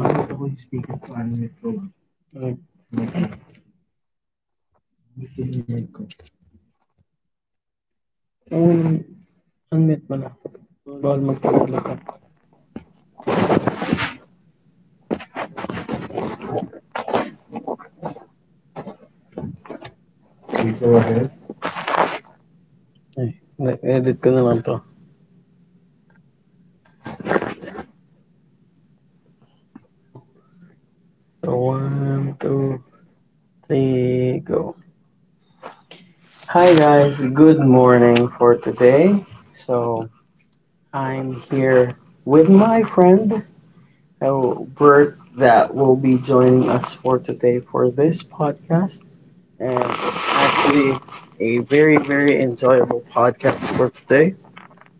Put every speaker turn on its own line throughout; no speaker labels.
yung Ay, um, Unmute mo na. Bawal magtagal ka.
Go ahead.
Ay, Edit ko na to. So, one, two, three, go. Hi guys, good morning for today. So, I'm here with my friend, Bert, that will be joining us for today for this podcast. And it's actually a very, very enjoyable podcast for today.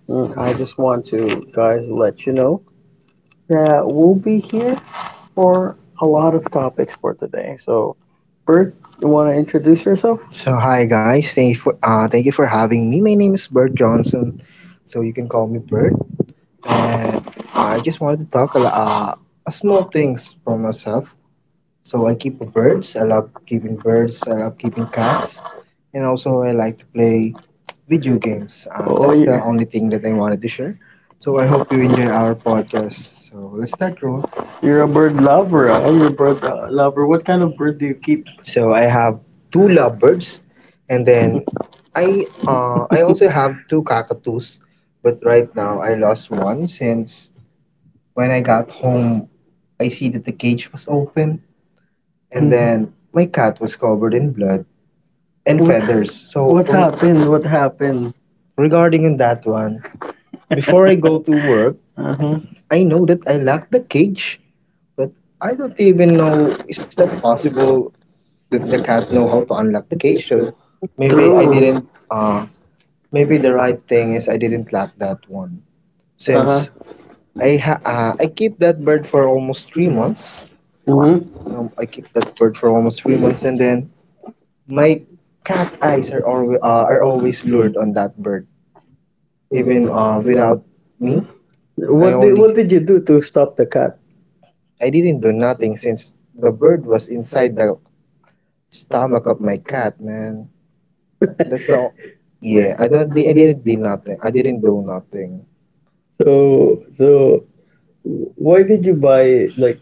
I just want to, guys, let you know that we'll be here for a lot of topics for today. So, Bert, you want to introduce yourself?
So hi guys, thank you for having me. My name is Bert Johnson, so you can call me Bert. And I just wanted to talk a small things for myself. So I keep birds. I love keeping birds. I love keeping cats, and also I like to play video games.
Oh,
That's the only thing that I wanted to share. So I hope you enjoy our podcast. So let's start, Ro.
you're a bird lover, huh? You're a bird lover. What kind of bird do you keep?
So I have two lovebirds, and then I also have two cockatoos, but right now I lost one since when I got home I see that the cage was open and
And then,
then my cat was covered in blood and
and what,
feathers.
feathers. So
So
what happened? What happened?
regarding on that one, before I go to work,
Uh-huh.
I know that I locked the cage, but I don't even know is that possible that the cat know how to unlock the cage though.
maybe I
Maybe I
True.
didn't uh maybe the right thing is I didn't lock that one. Uh-huh.
Uh huh.
Since uh-huh, I keep that bird for almost 3 months.
Hmm.
I keep that bird for almost 3 months, and then my cat eyes are always lured on that bird, even without me. I
What So did
only
what did you do to stop the cat?
I didn't do nothing since the bird was inside the stomach of my cat, man. That's the o- yeah. I didn't do nothing. I didn't do nothing.
So so Why did you buy it? Like,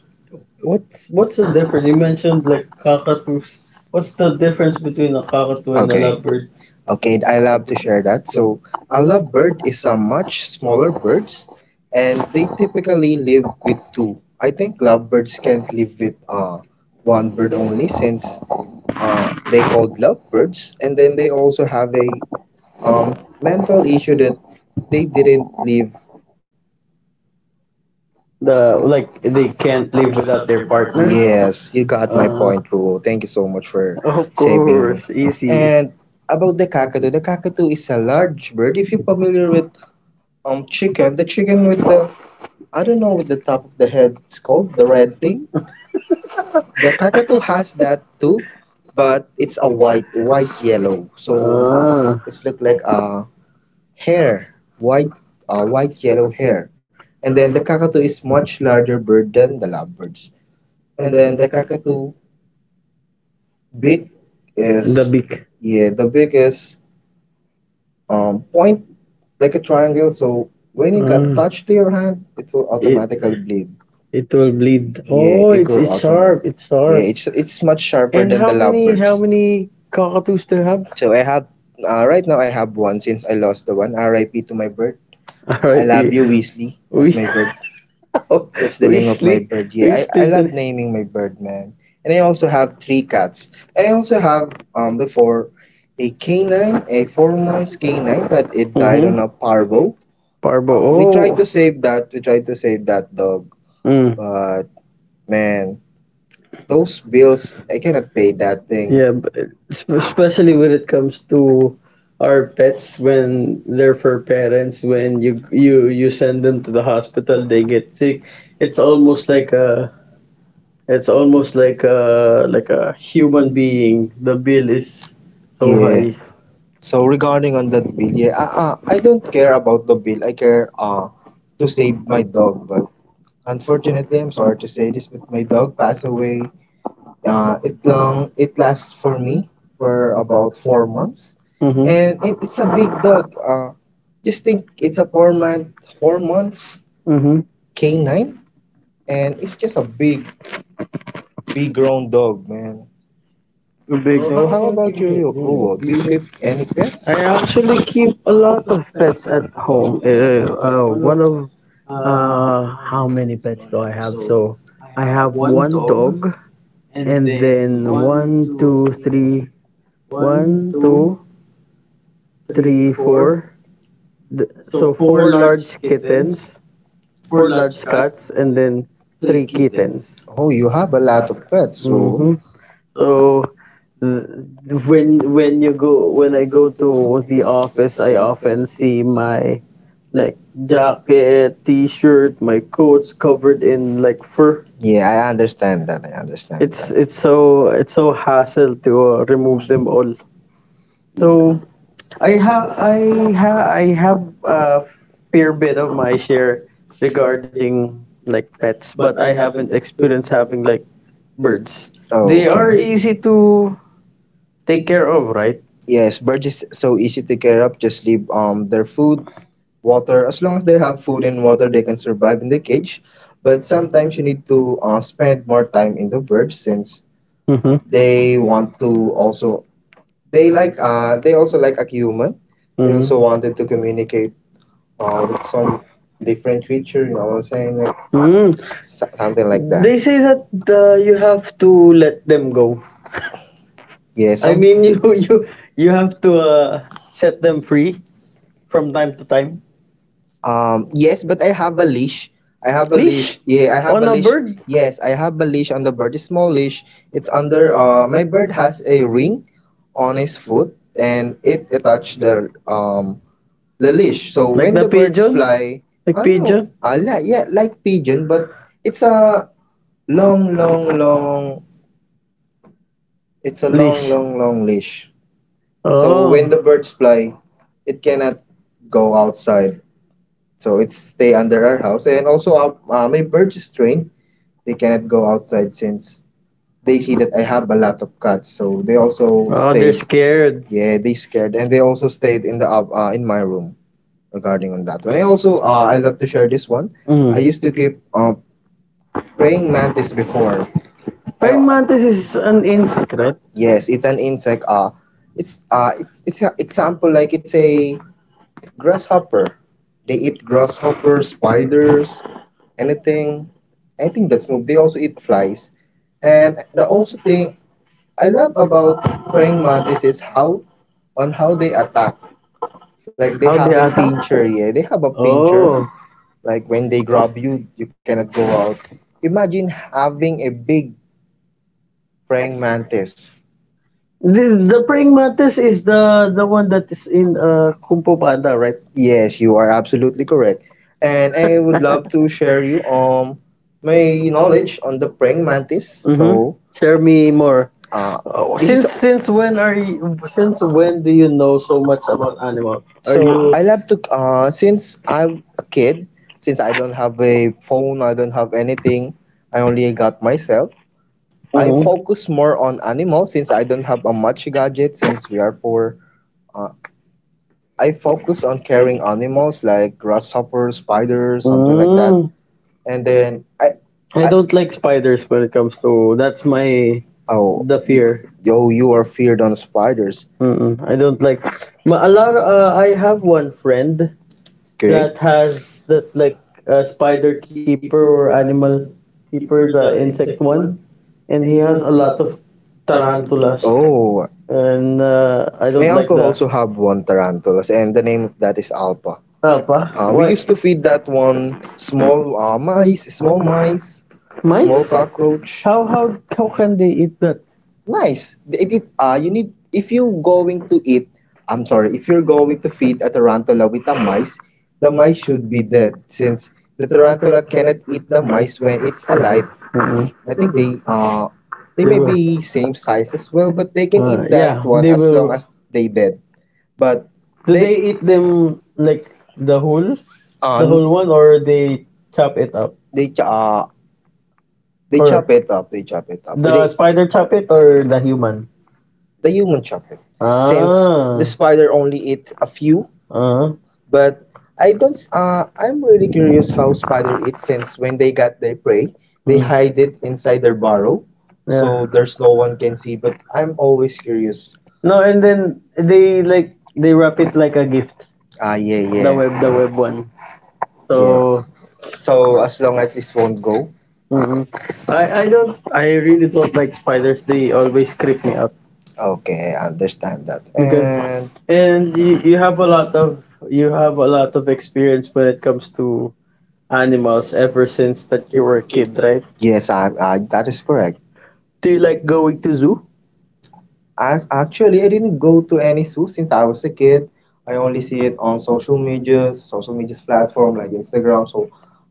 what's the difference? You mentioned like cockatoos. What's the difference between a cockatoo and a
Okay.
lovebird?
Okay, I love to share that. So, a lovebird is a much smaller birds, and they typically live with two. I think lovebirds can't live with one bird only since they called lovebirds, and then they also have a mental issue that they didn't live.
The like they can't live without their partners.
Yes, you got my
Uh,
point, Ruo. Thank you so much for
of
saving.
course, easy.
And about the cockatoo is a large bird. If you're familiar with chicken, the chicken with the I don't know with the top of the head, it's called the red thing. The cockatoo has that too, but it's a white, white yellow. So, ah,
Ah,
it's look like a hair, white, white yellow hair. And then the cockatoo is much larger bird than the lovebirds. And then the cockatoo beak is
the
the beak.
beak.
Yeah, the beak is um like a triangle. So when it got touched to your
Ah,
hand, it will automatically
it
bleed.
it will bleed.
Yeah,
Oh,
it,
it's sharp. It's
yeah.
sharp.
It's much sharper
And
than
how
the
many how
lovebirds.
many cockatoos do you have?
So I have right now I have one since I lost the one. R.I.P. to my bird.
I
I
R.I.P. R I
love you,
P.
Weasley. That's my bird.
We
That's the name of my
Weasley
bird.
is
I love naming my bird, man. And I also have three cats. I also have before a canine, a 4 months canine, but it died on a
Mm-hmm.
parvo.
Parbo.
We
Oh,
tried to save that. We tried to save that dog,
mm.
but man. Those bills, I cannot pay that thing.
Yeah, especially when it comes to our pets when they're for parents when you send them to the hospital they get sick. It's almost like a, it's almost like a human being. The bill is so
Yeah.
high.
So regarding on that bill, yeah, I don't care about the bill. I care to save my dog, but unfortunately, I'm sorry to say this, but my dog passed away. It lasts for me for about 4 months, and
Mm-hmm.
it's a big dog. Just think it's a 4 months
Mm-hmm.
canine, and it's just a big big grown dog, man.
Big.
So big. How about you, Ruo? Do you keep any
I
pets?
actually keep a lot of pets at home. One of How many pets do I have? So I have one dog, and then one, two, three, one, two, three, four. Four large kittens, four large cats, and then three kittens.
Oh, you have a lot of pets, Rule.
Hmm. So th- when you go when I go to the office, I often see my like jacket, t-shirt, my coats covered in like fur.
Yeah, I understand that. I understand.
It's so hassle to remove them all. So I have I I have a fair bit of my share regarding like pets, but I haven't experienced having like birds.
Oh,
Are easy
okay.
to take care of, right?
Yes, birds is so easy to care of. Just leave their food, water. As long as they have food and water, they can survive in the cage. But sometimes you need to spend more time in the bird since
Mm-hmm. I
they want to also they like they also like a human. They also wanted to communicate with some different creature. You know what I'm saying? Like something like that.
They say that you have to let them go.
Yes, I
Mean, you you you have to set them free from time to time.
yes, but I have a leash. I have a leash. Yeah, I have a
On
leash.
bird,
Yes, I have a leash on the bird. A small leash. It's under my bird has a ring on his foot and it attached the leash. So when the birds fly, I know, I like yeah, like pigeon, but it's a long, long, long it's a long, leash, long, long leash. So when the birds fly, it cannot go outside so it's stay under our house and also my birds is trained they cannot go outside since they see that I have a lot of cats so they also stayed.
scared.
Yeah, they scared and they also stayed in the in my room. Regarding on that one I also, I love to share this one. I mm,
I
used to keep praying mantis before I
Praying mantis is an insect, right?
yes it's an insect. It's an example like it's a grasshopper. They eat grasshopper spiders anything I think that's move. They also eat flies. And the also thing I love about praying mantis is how on how they attack. Like they have a pincher, yeah. They have a pincher. Like when they grab you, you cannot go out. Imagine having a big praying mantis.
The, the praying mantis is the one that is in Kung Fu Panda, right?
Yes, you are absolutely correct. And I would love to share you my knowledge on the praying mantis. Hmm. So
Share me more.
uh
Oh,
this is
since when do you know so much about
are.
animals? Are
So
you?
I you love to since I'm a kid, since I don't have a phone, I don't have anything, I only got myself. I
Mhm.
focus more on animals since I don't have a much gadget since we are four. Uh, I focus on caring animals like grasshoppers, spiders, something like that.
Mm.
And then I,
I
I,
don't like spiders when it comes to. That's my
oh,
the fear.
yo you are feared on spiders.
Mm-mm. I don't like. Ma, a lot. I have one friend
Okay.
that has that like spider keeper or animal keeper, the insect one, and he has a lot of tarantulas,
Oh,
and I
my
don't like
uncle
the.
also have one tarantulas, and the name of that is Alpha.
Apa?
We
Why?
used what? To feed that one small mice, small mice, small
Mice?
cockroach.
How can they eat that?
Nice. You need if you going to eat. I'm sorry. If you're going to feed a tarantula with a mice, the mice should be dead since the tarantula cannot eat the mice when it's alive.
Uh,
I think they
they
may
will.
be same size as well, but they can eat
Yeah,
that one
they
as long
will.
as they dead. But
Do they eat
they
them like the whole,
the
the whole one, or they chop it up?
they ch- uh they
Or
chop or it up. They chop it up. They
the. Spider chop it, or the human?
the human chop it.
It's.
Since the
Ah,
spider only eat a few,
ah,
but I don't. S- I'm really curious how spider eat since when they got their prey, they hide it
mm,
inside their burrow, yeah so
yeah.
there's no one can see. But I'm always curious.
No, and then they like they wrap it like a gift.
Ah, yeah.
The web one. So,
So as long as this won't go?
mm, I don't, I really don't like spiders. They always creep me out.
Okay, I understand that. Good.
Because
And
and you have a lot of experience when it comes to animals ever since that you were a kid, right?
yes, I, that is correct.
Do you like going to zoo?
I didn't go to any zoo since I was a kid. I only see it on social medias platform like Instagram, so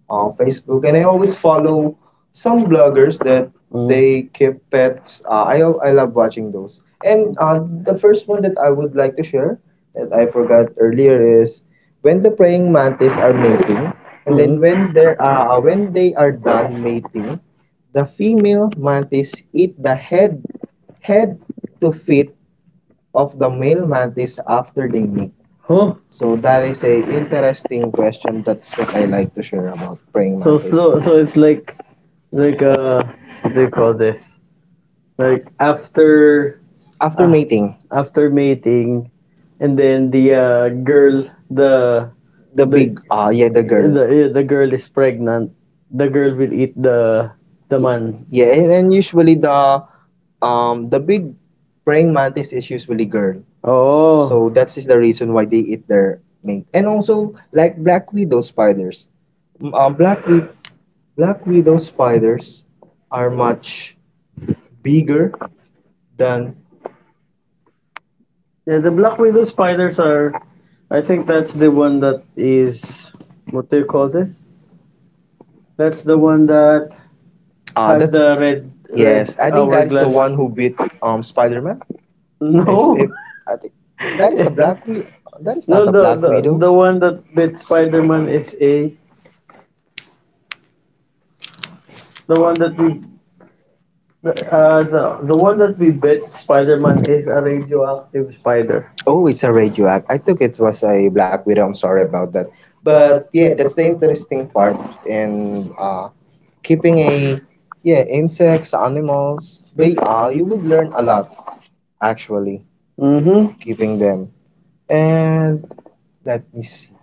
on Facebook, and I always follow some bloggers that they
Mm.
keep pets. I love watching
al-
those. And the first one that I would like to share that I forgot earlier is when the praying mantis are mating, and then hmm
Mm.
when they are done mating, the female mantis eat the head to feet of the male mantis after they mate?
Huh?
So that is a interesting question. That's what I like to share about praying mantis.
So it's like what do you call this? Like after.
After
Ah,
mating,
after mating, and then
the
the
big yeah, the girl.
the the girl is pregnant. The girl will eat the man.
Yeah, and usually the big praying mantis is usually girl.
Oh,
So that is the reason why they eat their mate. And also like black widow spiders. Mm, black widow spiders are much bigger than
yeah. The black widow spiders are. I think that's the one that is. What do you call this? That's the one that. Has
That's
the red, red,
yes. Red
yes,
I think that is the
hourglass?
one who beat Spider-Man. If
No, it-.
if I think that is a Black Widow. That is
No.
not a Black
The
Widow.
the one that bit
Beat.
Spider-Man is a the one that we, the, uh the the one that we bit Spider-Man is a radioactive spider.
Oh, it's a radioact. I thought it was a Black Widow. I'm sorry about that. But yeah, that's the interesting part in keeping a yeah insects, animals. They are you would learn a lot actually
Mm-hmm.
keeping them. And let me see.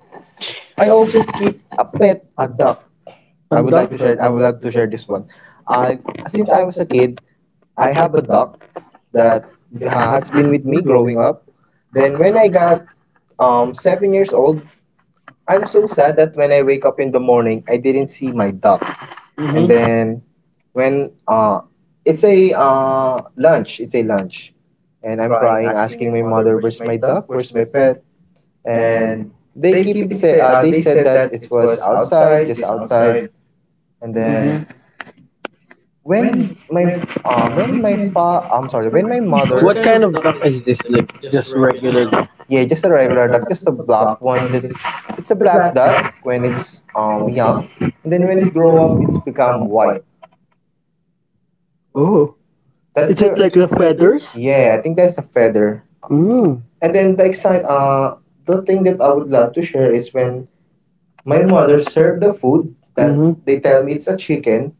I also keep a pet, a duck. I
And
would
the.
like to share. I would like to share this one. Uh, since I was a kid, I have a dog that has been with me growing up. Then when I got 7 years old, I'm so sad that when I wake up in the morning, I didn't see my dog.
And
And mhm. Then
mm-hmm.
when uh, it's a lunch, it's a lunch, and I'm crying, asking my mother, "Where's my dog? Where's my pet?" And they keeping say they said that it was outside, just outside, and mhm. Then
Mm-hmm.
when my mother
What kind of duck is this? Like just regular duck?
yeah, just a regular duck, just a black one. This It's a black duck when it's young, and then when it grow up, it's become white. That's
Is
the
it like the feathers?
Yeah, I think that's the feather.
Mm.
And then the thing that I would love to share is when my mother served the food that they tell me it's a chicken.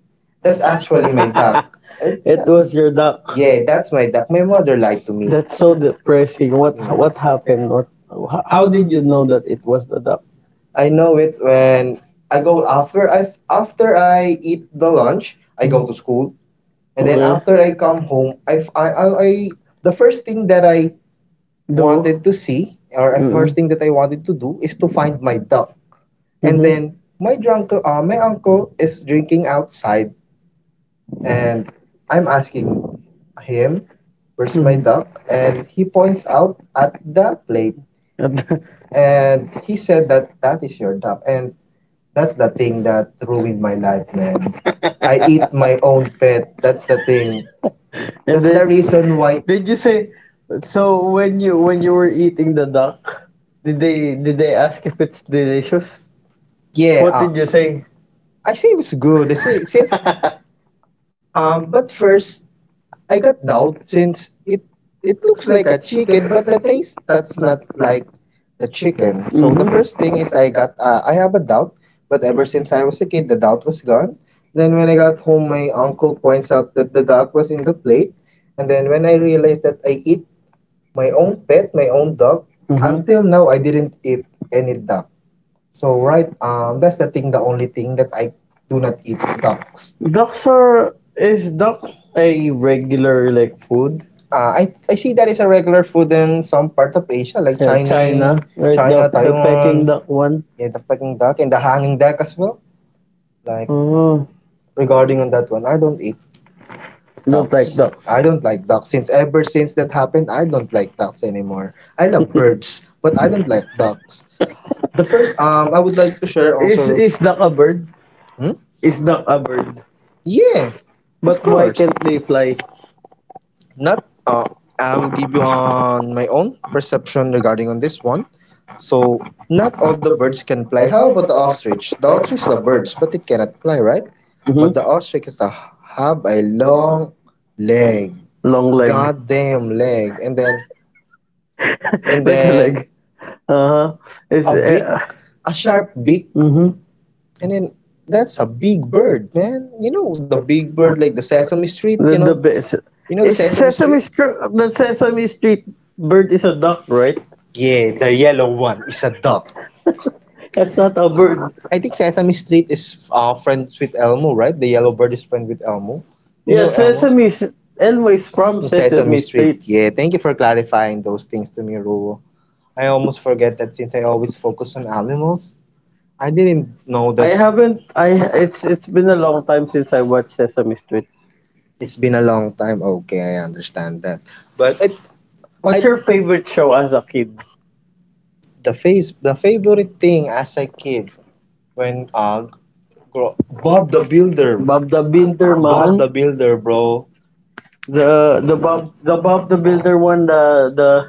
That's actually my duck. Eh,
Was your duck.
yeah, that's my duck. My mother lied to me.
That's so depressing. What happened? What how did you know that it was the duck?
I know it when I go after I eat the
Mhm.
lunch, I go to school, and then after I come home, I f- I- the first thing that I
Do.
wanted to see, or the first thing that I wanted to do, is to find my duck. And then my uncle is drinking outside, and I'm asking him, "Where's my duck?" And he points out at the plate, and he said that that is your duck, and that's the thing that ruined my life, man. I eat my own pet. That's the thing.
And
That's the reason why.
did you say, so when you, when you were eating the duck, did they, did they ask if it's delicious? You
Yeah,
after say?
I say it's good. I say since but first I got doubt since it looks like a chicken, but the taste that's not like the chicken. So the first thing is I have a doubt, but ever since I was a kid, the doubt was gone. Then when I got home, my uncle points out that the duck was in the plate, and then when I realized that I eat my own pet, my own dog. Mhm. Until now, I didn't eat any duck. So right, that's the thing, the only thing that I do not eat ducks.
Ducks are. Is duck a regular like food?
Uh, I I see that is a regular food in some part of Asia like
China,
China, China,
Taiwan.
Taiwan.
Duck one.
Yeah, the Peking duck and the hanging duck as well. Like
Oh.
regarding on that one, I don't eat.
Don't like dogs.
I don't like ducks since ever since that happened. I don't like ducks anymore. I love birds, but I don't like ducks. The first I would like to share is also.
Is
Is
duck a bird?
Hmm?
Is duck a bird?
Yeah. Of
But why
course,
can't they fly?
not. I will give you on my own perception regarding on this one. So, not all the birds can fly. How about the ostrich? The ostrich is a bird, but it cannot fly, right? But
Mm-hmm.
the ostrich is a, have a long leg,
Long leg.
goddamn leg, and then and then
Leg. Uh huh. Is
a big, a sharp beak,
mm-hmm.
and then that's a big bird, man. You know the big bird like the Sesame Street.
The one? Best.
You know the Sesame
Sesame
Street.
Street, the Sesame Street bird is a duck, right?
Yeah, the yellow one is a duck.
That's not a bird.
I think Sesame Street is friends with Elmo, right? The yellow bird is friend with Elmo. You
Yeah,
know Elmo?
Sesame. Elmo is from
Sesame Sesame
Sesame Street.
Street. Street. Yeah, thank you for clarifying those things to me, Ruo. I almost forget that since I always focus on animals, I didn't know I
I
that
haven't. I It's been a long time since I watched Sesame Street.
it's been a long time. Okay, I understand that. But I
What's your favorite show as a kid?
the face the favorite thing as a kid when grow, Bob
Bob
the Builder.
the Builder,
Bob
man.
the Builder, bro.
The Bob the Builder one. The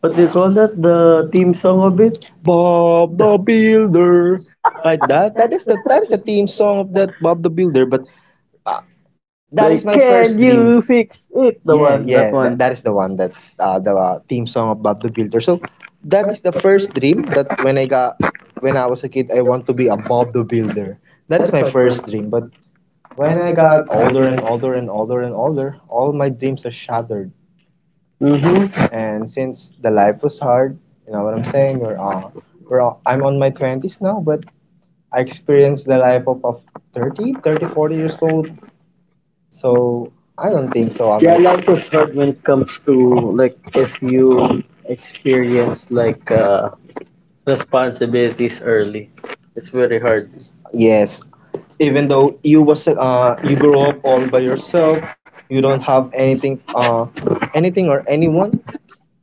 What do you call that? The theme song of it.
Bob the Builder. Like that. That is the theme song of that Bob the Builder. But uh, that is my
The
first
Can
dream.
You Fix It?
Yeah,
The
yeah.
one, that
That
one.
is the one that theme song of Bob the Builder. So that is the first dream that when I was a kid, I want to be a Bob the Builder. That is my first dream. But when I got older and older and older and older, all my dreams are shattered.
Mm-hmm.
And since the life was hard, you know what I'm saying? I'm on my 20s now, but I experienced the life of, 30, 30, 40 years old. So I don't think so. I
Yeah,
might,
life is hard when it comes to, like if you experience like responsibilities early. It's very hard.
yes, even though you was, you grow up all by yourself, you don't have anything, anything or anyone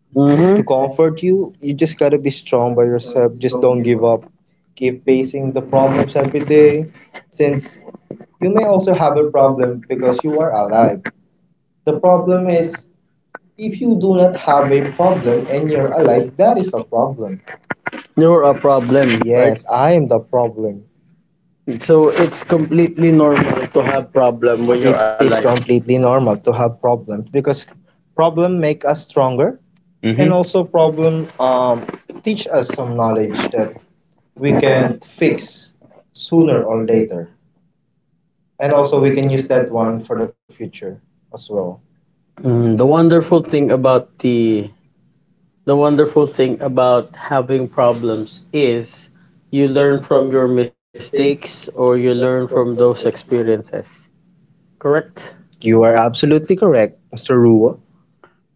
Mm-hmm.
to Mhm. comfort you. You just gotta be strong by yourself. Just don't give up. Keep facing the problems every day. Since you may also have a problem because you are alive. The problem is, if you do not have a problem and you're alive, that is a problem.
You're a problem, right?
Yes, I am the problem.
So it's completely normal to have problem when you're
It is
alive.
completely normal to have problems because problem make us stronger, and also
Mm-hmm.
problem teach us some knowledge that we can fix sooner or later. And also we can use that one for the future as well.
Mm, the wonderful thing about having problems is you learn from your mistakes or you learn from those experiences. Correct?
You are absolutely correct, Mr. Ruo.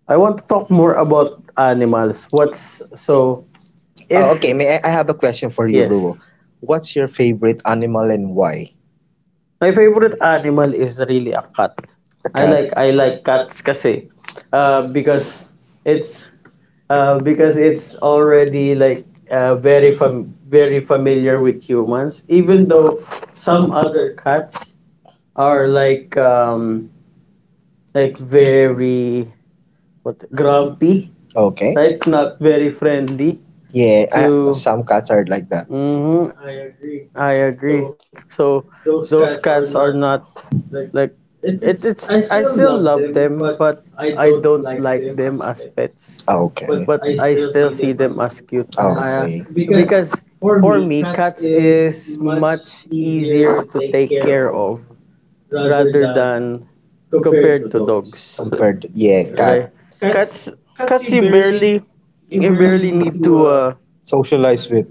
I want to talk more about animals. What's so.
Oh, okay,
If.
I have a question for you, Rule.
Yes.
What's your favorite animal and why?
My favorite animal is really a cat.
A cat.
I like cats kasi because it's, because it's already like very familiar with humans, even though some other cats are like very what grumpy,
Okay.
right? Not very friendly
Yeah, I,
to.
some cats are like that.
Hmm, I agree. So those cats are not like, it it's I still love them, but I don't like them as pets.
Ah, okay.
But I still see them as cute. I,
Okay.
because for me cats is much easier to take care of rather than compared to dogs.
Compared, to, yeah, cat.
Right? Cats cats you barely need to
Socialize with.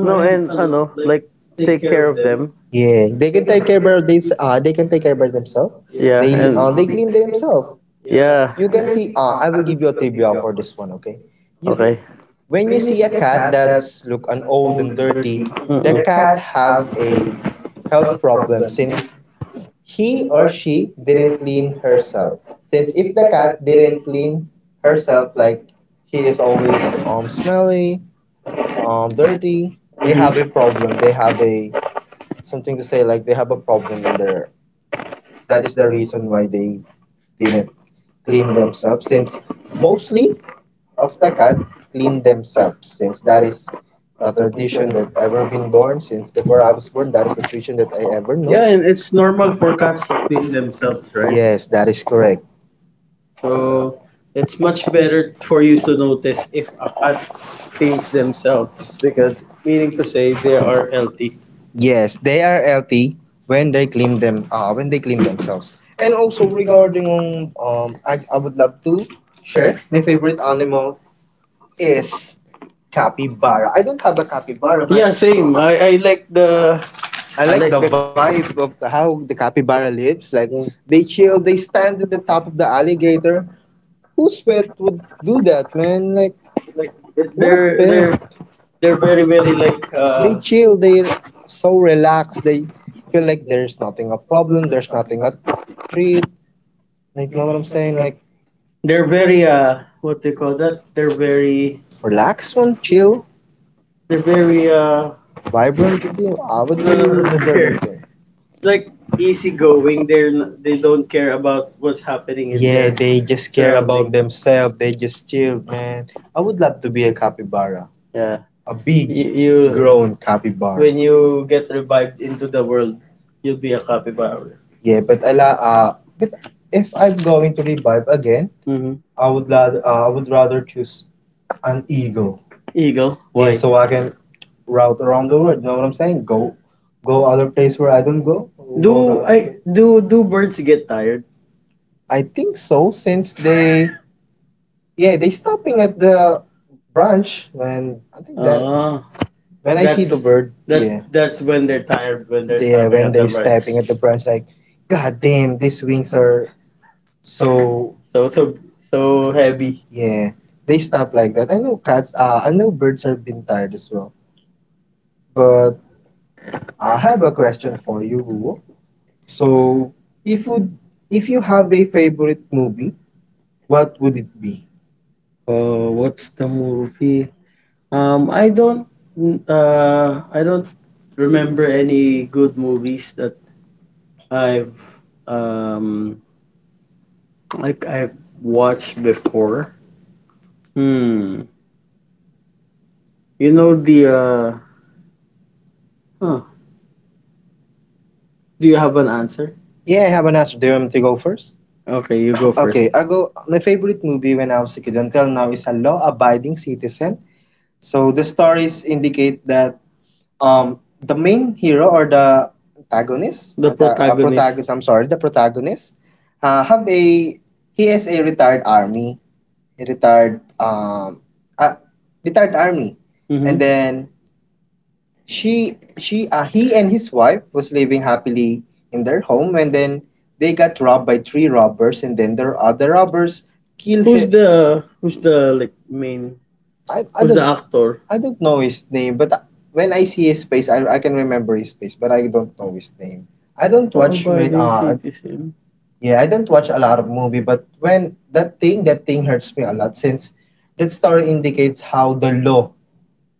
no, and ano, like take care of them.
Yeah, they can take care about this. They can take care about themselves.
Yeah, and
They clean themselves.
yeah.
You can see. I will give you a trivia for this one. Okay. You
Okay.
When you see a cat that's look an old and dirty, the cat
Mm-mm.
have a health problem since he or she didn't clean herself. Since if the cat didn't clean herself, like he is always smelly, dirty, they have a problem. They have a something to say, like they have a problem in their— that is the reason why they didn't clean themselves, since mostly of the cat clean themselves, since that is the tradition that ever been born since before I was born. That is the tradition that I ever know.
Yeah, and it's normal for cats to clean themselves, right?
Yes, that is correct.
So it's much better for you to notice if a cat cleans themselves, because meaning to say they are healthy.
Yes, they are healthy when they clean them when they clean themselves. And also regarding I would love to share my favorite animal is capybara. I don't have a capybara, but
Yeah, same.
I
I
like
like
the
the
vibe of how the capybara lives. Like they
Yeah.
chill, they stand at the top of the alligator. Whose pet would do that, man? Like
they're
what
they're
pet?
they're very very like
They chill. They're so relaxed. They feel like there's nothing a problem. There's nothing a treat. Like know what I'm saying? Like
they're very what they call that
relax one, chill,
they're very
vibrant. How would
no no no,
you
no
prefer
they're
that thing?
like easygoing, they're they don't care about what's happening in
Yeah,
their
they just care about
surrounding.
themselves. They just chill, man. I would love to be a capybara,
Yeah.
a big, grown
You,
capybara.
when
When
you
you
get
get
revived
revived into
into
the
the world,
world.
you'll be a capybara.
Yeah, but but if I'm going to revive again,
Mm-hmm.
I would rather choose an eagle. Yeah,
Eagle.
why?
Why?
So I can route around the world. You know what I'm saying? Go, go other place where I don't go. Go Do to other
Do
I,
I
place.
do
Do do
do
birds
birds
get?
get tired?
I think so, since they yeah, they stopping at the branch. When I think that,
Ah,
when I see the
that's
bird, yeah,
that's when they're
yeah,
tired, when they're stopping
when
at the
they stabbing
branch.
stepping at the branch, like, God damn, these wings are so
So so so Heavy.
yeah. They stop like that. I know cats. I know birds are being tired as well. But I have a question for you, Ruo. So, if would if you have a favorite movie, what would it be?
Oh, what's the movie? Um, I don't I don't remember any good movies that I've um I've watched before. Hmm. You know the huh. Do you have an answer?
Yeah, I have an answer. Do you want me to go first?
Okay, you go first.
Okay, I go. My favorite movie when I was a kid until now is A Law-Abiding Citizen. So the stories indicate that the main hero or the antagonist,
The
the anta- protagonist.
protagonist.
Protagonist, I'm sorry, the protagonist, have a he is a retired army, a retired uh, retired army, Mhm. and
And
then
mm-hmm.
she he and his wife was living happily in their home, and then they got robbed by three robbers, and then the other robbers kill
Who's
him.
the who's the like main
I, I
who's
don't
the Don't. Actor?
I don't know his name, but when I see his face, I can remember his face, but I don't know his name. I
Many.
don't watch, man.
Law-abiding citizen.
Yeah, I don't watch a lot of movie, but when that thing hurts me a lot, since that story indicates how the law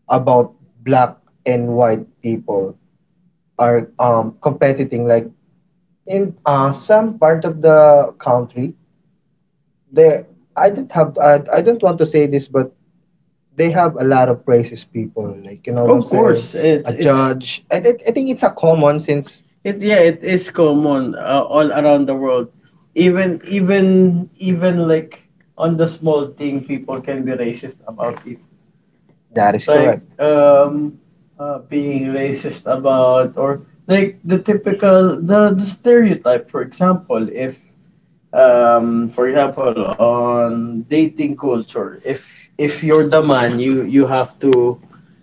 about black and white people are competing. Like in some part of the country, they— I don't want to say this, but they have a lot of racist people. Like you know what I'm
Of course,
saying, a
it's
judge. I think it's a common, since
it yeah it is common all around the world. Even like on the small thing, people can be racist about it.
that
Like
is
correct.
correct.
Being racist about, or like the typical the stereotype, for example if for example on dating culture, if you're the man you have to,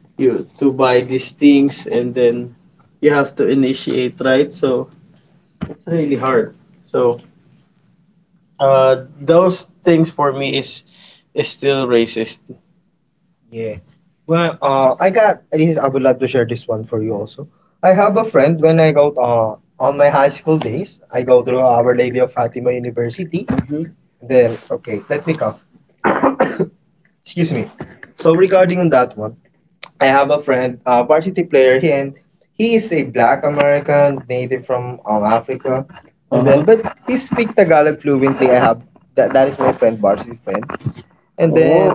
you to buy these things, and then you have to initiate, right? So it's really hard. So those things for me is still racist.
Yeah. Well, I got this. I would love to share this one for you also. I have a friend when I go on my high school days. I go through Our Lady of Fatima University.
Mhm.
Then okay, let me cough. Excuse me. So regarding on that one, I have a friend, a varsity player, he is a Black American native from Africa, and then but he speak Tagalog fluently. I have that that is my friend, varsity friend. And then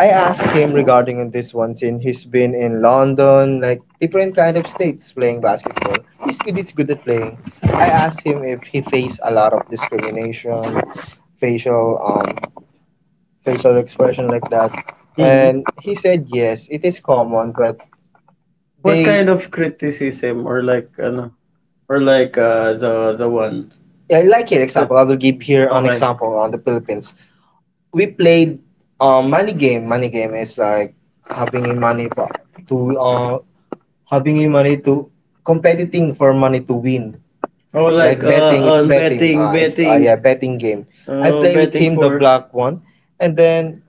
I asked him regarding on this one, since he's been in London, like different kind of states playing basketball. He's good. He's good at playing. I asked him if he faced a lot of discrimination, facial um facial expression like that. Mhm.
Hmm,
And he said, yes, it is common, but
what
they,
kind of criticism or like ano or like the one
yeah,
that,
like here example, I will give here an example on the
okay.
Philippines. We played money game. Money game is like having a money for, to having a money to competing for money to win.
Oh, like
Like betting, it's
on
betting.
betting,
It's
betting,
yeah, betting game.
I
I play with
betting
him, the
for.
black one, and then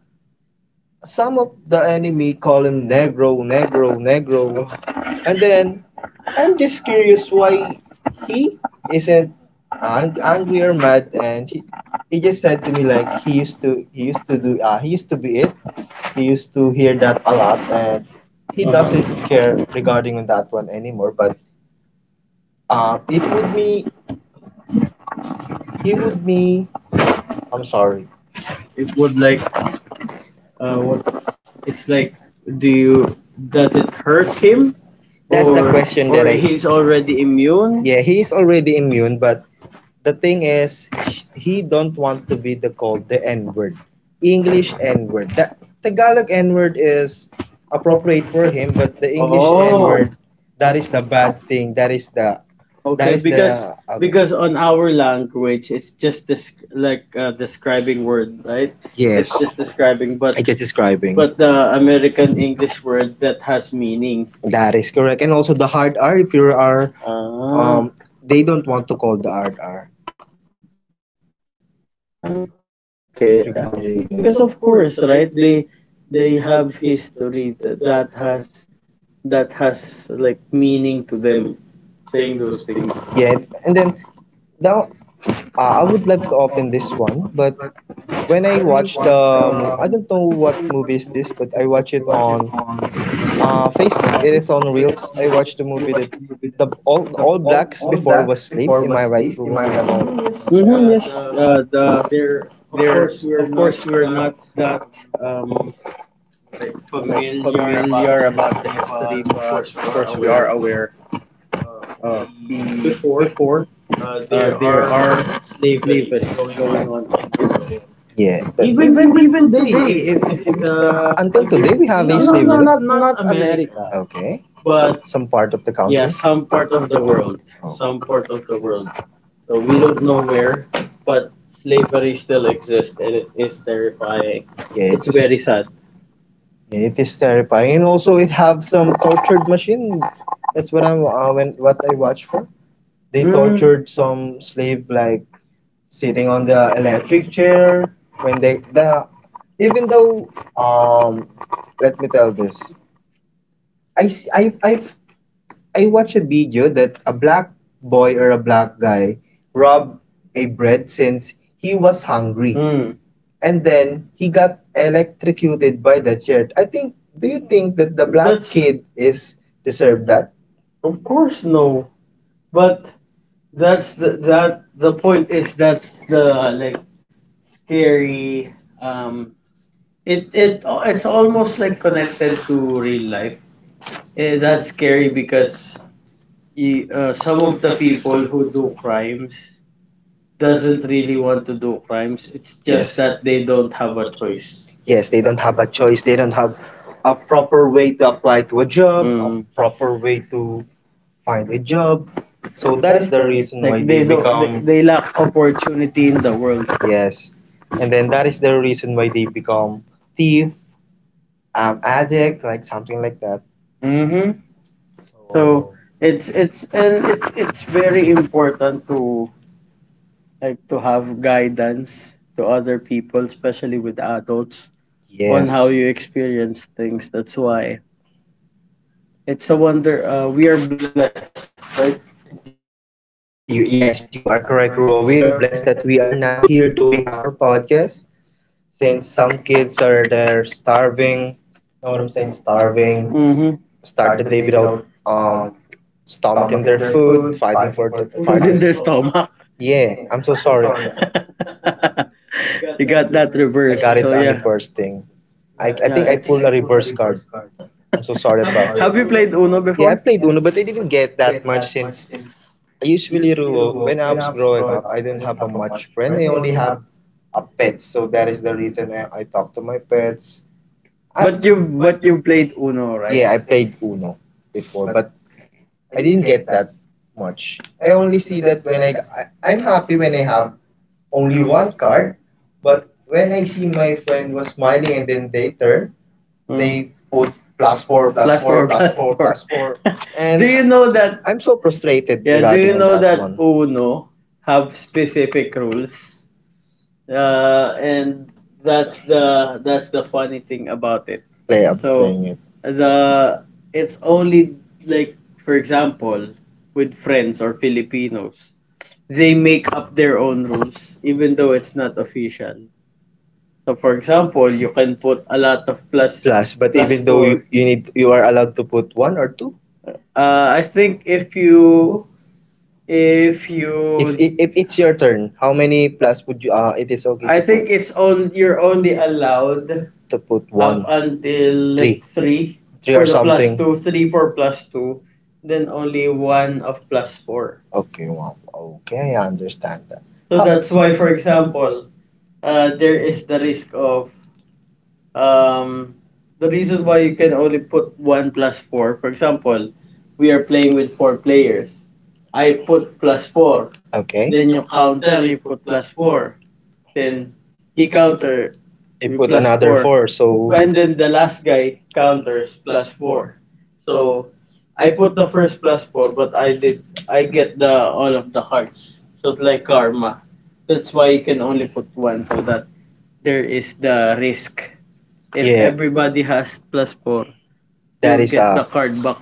some of the enemy call him Negro, Negro, Negro. And then I'm just curious why he isn't angry or mad, and he just said to me, like, he used to be it. He used to hear that a lot and he doesn't
Okay.
care regarding on that one anymore, but it would me he would me I'm sorry.
It would like what? It's like, do you? Does it hurt him,
That's the
or
question that
or
I,
he's already immune?
yeah, he is already immune. But the thing is, he don't want to be the called the N-word. English N-word. That Tagalog N-word is appropriate for him, but the English N
Oh.
N-word, that is the bad thing. That
Okay,
is
because
the because
because
okay.
on our language it's just this like describing word, right? It's just
Yes,
describing, but
I just describing.
the American English word that has meaning.
That is correct. And also the hard R, if you are
Ah.
they don't want to call the hard R regarding that.
Okay, I see. Because of course, right? They have history that, that has, that has like meaning to
Yeah,
them
and then
saying those things.
the
Yeah.
I would like to open this one. But when I watch the I don't know what movie is this, but I watch it on Facebook. It is on Reels. I watched the movie that the all blacks before was slaves. Am I right, Rubo? Am I right?
Mm-hmm, yes, the there of course we're not that um, like familiar about the history, but of course we are aware of the before, there are slavery going on in Israel,
Yeah, but
even even today, if, if
until
uh,
today we have
if
a slavery.
no, no, not not
Okay,
America,
some
but
part of the country.
yeah, some part of the world,
Oh,
some part of the world. So we don't know where, but slavery still exists, and it is terrifying.
yeah, it
It's
is.
very sad.
Yeah, it is terrifying, and also it have some tortured machine. That's what I'm when what I watch for. They tortured
Mm.
some slave, like sitting on the electric chair when they the even though let me tell this. I s- I watched a video that a black boy or a black guy robbed a bread since he was hungry
Mm.
and then he got electrocuted by the chair. I think, do you think that the black
That's-
kid is deserved that?
Of course, no. But that's the that the point is, that's the like, scary. Um, it's almost like connected to real life. Yeah, that's scary because some of the people who do crimes
Does
doesn't really want to do crimes. It's just
Yes.
that they don't have a choice.
Yes, they don't have a choice. They don't have a proper way to apply to a job, a proper
Mm.
way to find a job. So that is the reason why
Like they
they
you don't,
become.
they lack opportunity in the world.
Yes. And then that is the reason why they become thief, addict, like something like that.
Mm-hmm. So
So,
it's very important to like to have guidance to other people, especially with adults. On how
yes.
you
you
experience things. That's why it's a wonder. We are blessed, right? You
Yes, you are correct, Ruo. We are blessed that we are now here doing our podcast since some kids
know
are
what I'm
there
saying,
starving.
Mm-hmm.
Know what I'm saying? Starving. Start the day without
stomach in
um stomach in
Food
their
in their
food,
stomach.
fighting for the fighting. Yeah, I'm so sorry.
You got that reversed. So yeah,
I got it. Okay, on
yeah.
reverse
It's
thing. I think I pulled a reverse
Two
card.
cards have you back. Played
I'm so
Uno
sorry,
before?
Pop. Yeah, I played Uno, but I didn't get that much since I usually grew when I was growing up. I don't have a much friend. I only have a pet, so that is the reason I talk to my pets.
But you
I,
but you played Uno, right?
yeah, I played Uno before, but I didn't get that much. I only see that I am happy when I have only one card, but when I see my friend was smiling and then they turn,
Mm.
they put
Plus
plus
four,
four, plus,
plus
four, plus four,
four.
plus four.
Do
And
you know that
I'm so
legislated.
frustrated
Yeah, do you
regarding on
know
that
that
one
UNO have specific rules? And that's the funny thing about it.
play. I'm
So
playing it
the it's only like, for example, with friends or Filipinos, they make up their own rules even though it's not official. So, for example, you can put a lot of plus
plus,
but
but
plus
even
even though
though you,
four.
four.
You need, you
You are
are
allowed
allowed to
to
put
put one
one
or
or
two.
two. I think if you, If you,
If it's your turn, how many plus would you? It is okay
I
to
think it's on.
put
You're only allowed
to put
up
one,
until
three,
like
three three
three
three or for
for
the
the plus
something.
two, then only one of plus four.
Okay, wow. Okay, I understand that.
So that's why, for example, there is the risk of, um the reason why you can only put one plus four. For example, we are playing with four players. I put plus four,
Okay.
then you counter, you put plus four. Then he counter
You
with
put
plus
another
four.
four, so
And then the last guy counters plus four. So I put the first plus four, but I get the all of the cards. So it's like karma. That's why you can only put one so that there is the risk. If
yeah,
everybody has plus four,
that
you'll
is
get the
a.
card back.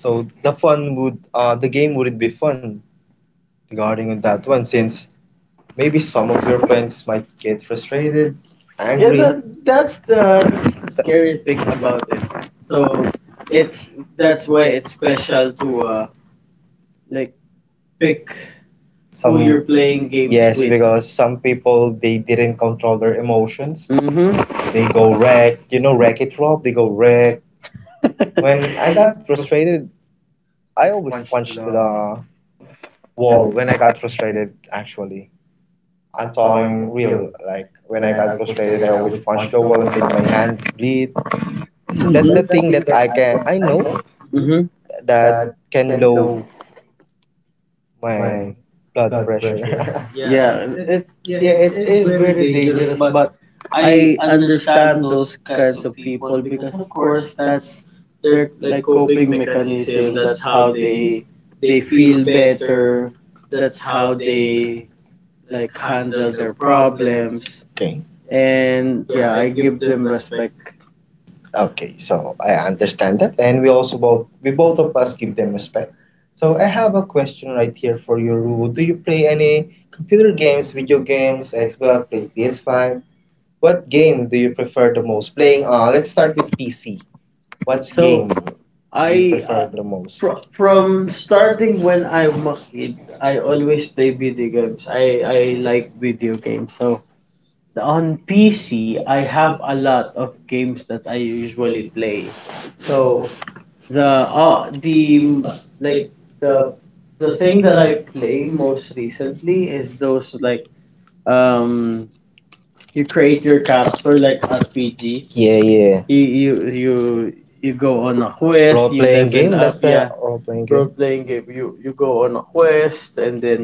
So the game wouldn't be fun regarding on that one since maybe some of your friends might get frustrated. Yeah,
Yeah,
angry.
that's the scary thing
Th-
about it. So it's that's why it's special to, like pick
some,
who you're, playing games
yes,
with.
because some people, they didn't control their emotions.
Mm-hmm.
They go wreck, wreck it, rob, they go wreck. When I got frustrated, I always punched the wall. When I got frustrated, actually, I'm talking real, like, when I got frustrated, I always punch the wall until my hands bleed. That's the thing that
Mm-hmm.
I know
Mm-hmm.
that can low my blood pressure.
Yeah, it yeah, it is very dangerous, but I understand those kinds of people because, of course, that's their like coping mechanism. That's how they feel better. That's how they like handle their problems.
okay
And yeah, I give them respect.
Okay, so I understand that, and we both of us give them respect. So I have a question right here for you, Ru. Do you play any computer games, video games, Xbox, play PS5? What game do you prefer the most? Playing, let's start with PC. What's
What's So the
game do you
I
prefer the
Furthermore?
most?
Fr- From starting when I'm a kid, I always play video games. I like video games. So on PC, I have a lot of games that I usually play. So the mm, like the the thing that I play most recently is those like, um you create your character, like RPG.
Yeah, yeah.
you you you you go on a quest, you level up,
A
yeah.
role playing.
Role playing game. You go on a quest, and then,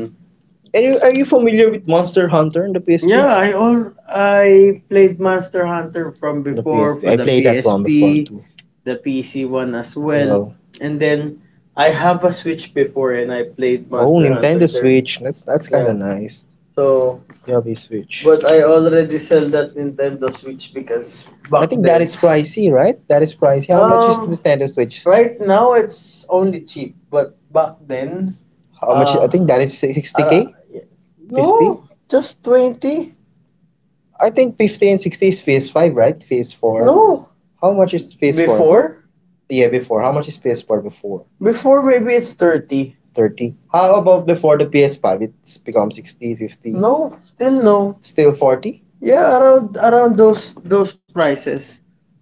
Are you familiar with Monster Hunter on the PSP?
yeah, I played Monster Hunter from before for the
PSP,
PSP,
too.
the PC one as well,
Well,
and then I have a Switch before and I played Monster Hunter there.
that's kind, yeah,
Yeah.
of nice.
So,
Yeah, we switch.
but I already sell that Nintendo Switch because
I
back
think that
then,
is pricey, right? That is pricey. How much is the
Um,
standard Switch?
right now it's only cheap, but back then,
How much? I
uh,
think that
That
is
is
60 60K,
yeah.
50.
No, just 20.
I think 50 and 60 is
PS
PS5,
five, right?
right?
No.
PS4. How
How
much
much is
is
PS4? Before,
PS4? Yeah, before. How much is PS4 before?
maybe it's 30.
30.
How
How about
about
before
before
the
the PS
PS5?
five?
It's become 60, 50.
No, still no,
Still
still 40.
40?
Yeah, around those prices.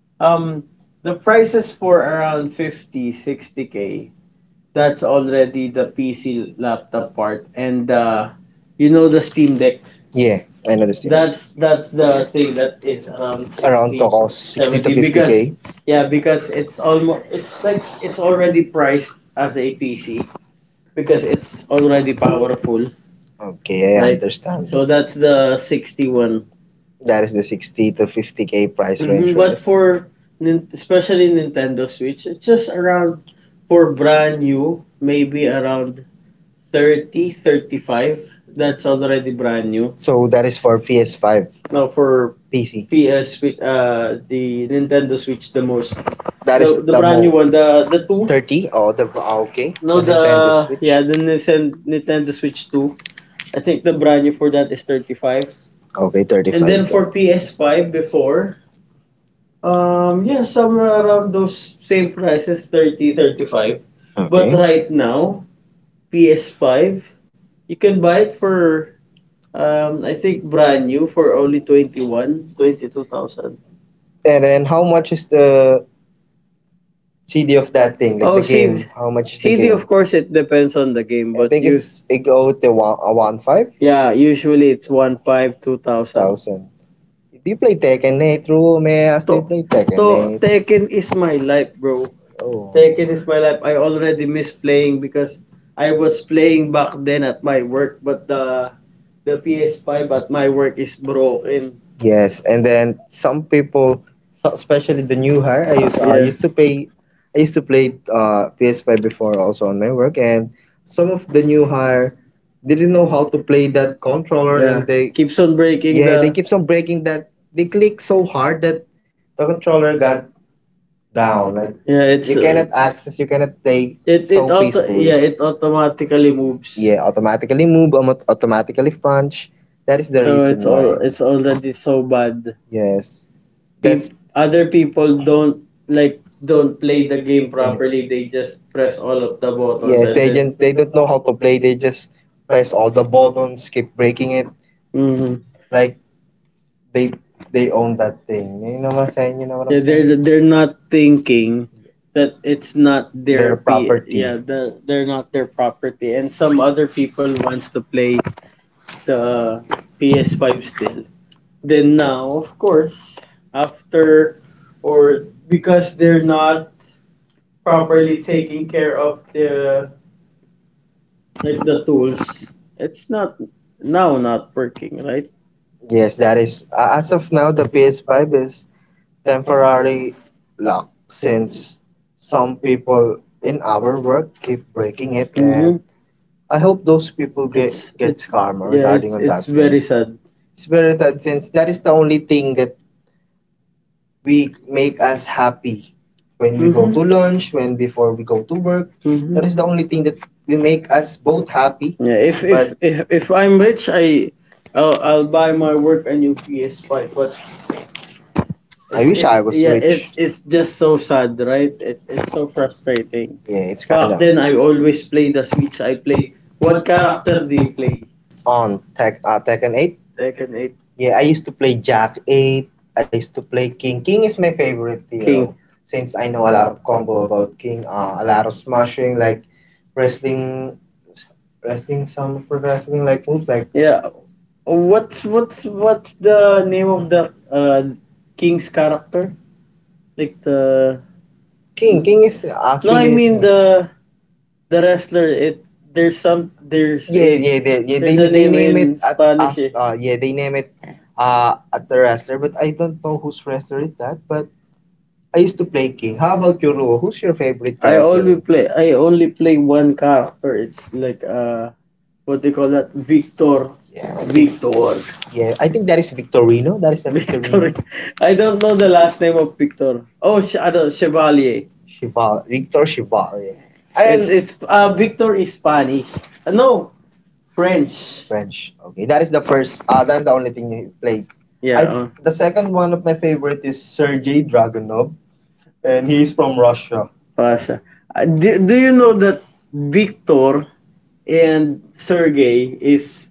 Um, the prices for around 50, 60 k. That's already the PC laptop part, and, you know, the Steam Deck.
Yeah, I understand.
That's the thing that is around
Around to 60,
60,
cost 60 to
70. Because
50K.
yeah, because it's almost it's like it's already priced as a PC because it's already powerful,
Okay, I
right?
understand.
So
So
that's the 61.
that is the 60 to 50K price
Mhm.
range. Mhm.
But for especially Nintendo Switch, it's just around, for brand new, maybe around 30, 35. That's already brand new.
So that is for PS5,
Now for
pc.
PS with uh the Nintendo Switch, the most
That
the
is
the
the,
brand new one,
mo
the two.
30. Oh, the ah,
Okay
okay,
no
the, no,
the
nintendo.
Yeah, the Nintendo Switch two, I think the brand new for that is 35.
Okay, and
And then
thirty-five
for
35.
PS5 before, yeah, somewhere around those same prices, 30, 35
Okay.
But right
Okay,
now PS5 you can buy it for, I think brand new for only 21, 22,000.
and then how much is the CD of that thing, like
Oh,
the
CD.
game. How much is the?
Of course it depends on the game,
I
but
think
you,
it's it go to one, one five
yeah, usually it's 1.5, 2,000.
thousand. Do you play Tekken 8, Rume?
I
Do you play Tekken
to Tekken
8?
is my life, bro.
Oh.
Tekken is my life. I already miss playing because I was playing back then at my work, but the PS5 at my work is broken.
Yes, and then some people, especially the new hire, I used to play, PS5 before also on my work, and some of the new hire didn't know how to play that controller, and they,
Keeps on breaking.
yeah, they keeps on breaking that. They click so hard that the controller got down. Like,
Yeah.
you cannot
uh,
access, you cannot play so it peacefully.
it automatically moves.
Yeah, automatically move, automatically punch. That is the
Why.
reason why.
It's already so bad.
Yes, that's.
Other people don't, like, don't play the game properly, they just press all of the,
Yes,
yeah.
they, like, just they don't know how to play. They just press all the buttons, keep breaking it.
hmm
Like they they own that thing. You know what
Yeah,
I'm
I'm
saying? You know what I'm
they're saying,
saying?
they're not thinking that it's not
Their
their p.
property.
Yeah, they're not their property, and some other people wants to play the PS5 still. Then now, of course, after, or because they're not properly taking care of the, like, the tools, it's not now not working, right?
Yes, that is. As of now, the PS5 is temporarily locked since some people in our work keep breaking it,
Mm-hmm.
and I hope those people get gets
It's
karma
Yeah,
regarding
it's
on that
it's like
one.
very sad.
It's very sad since that is the only thing that we make us happy when we
Hmm
go to lunch, when before we go to work.
that
That is the only thing
hmm
that we make us both happy.
Yeah, if if
But
if if I'm rich, I'll buy my work a new PS5. But
I wish
it's
I was
yeah, it
rich.
it's just so sad, right? It's so frustrating.
Yeah, it's kind
Back
of
then, I always play the Switch. I play. What character do you play?
on Tech Tekken 8.
Tekken 8.
Yeah, I used to play Jack 8. I used to play King. King is my favorite
King.
hero King. Since I know a lot of combo about King. A lot of smashing, like wrestling, wrestling, some pro wrestling like moves, like
Yeah. What's the name of the king's character? Like the,
King. King is. No, I
no, I
actually. Is.
mean the wrestler. It there's some there's a
Yeah, yeah, they, yeah. They
There's a
they
name in
name it
it,
at
Spanish.
after. Yeah, they
Eh.
name it at the wrestler, but I don't know whose wrestler is that. But I used to play King. How about you, Ruo? Who's your favorite I character?
I only play one character. It's like, what do you call that? Victor.
Yeah, I think
Victor.
Yeah, I think that is Victorino. That
Victor.
is a Victorino.
Victorino.
Victor.
I don't know the last name of Victor. Oh, Chevalier.
Chival. Victor Chival. Yeah. And
It's
it's,
Victor is Spanish. No, French.
French. Okay, that is the first. Ah, that is the only thing he played. I. Yeah.
Yeah,
The second one of my favorite is Sergei Dragunov, and he's from Russia.
Russia. Do you know that Victor and Sergey is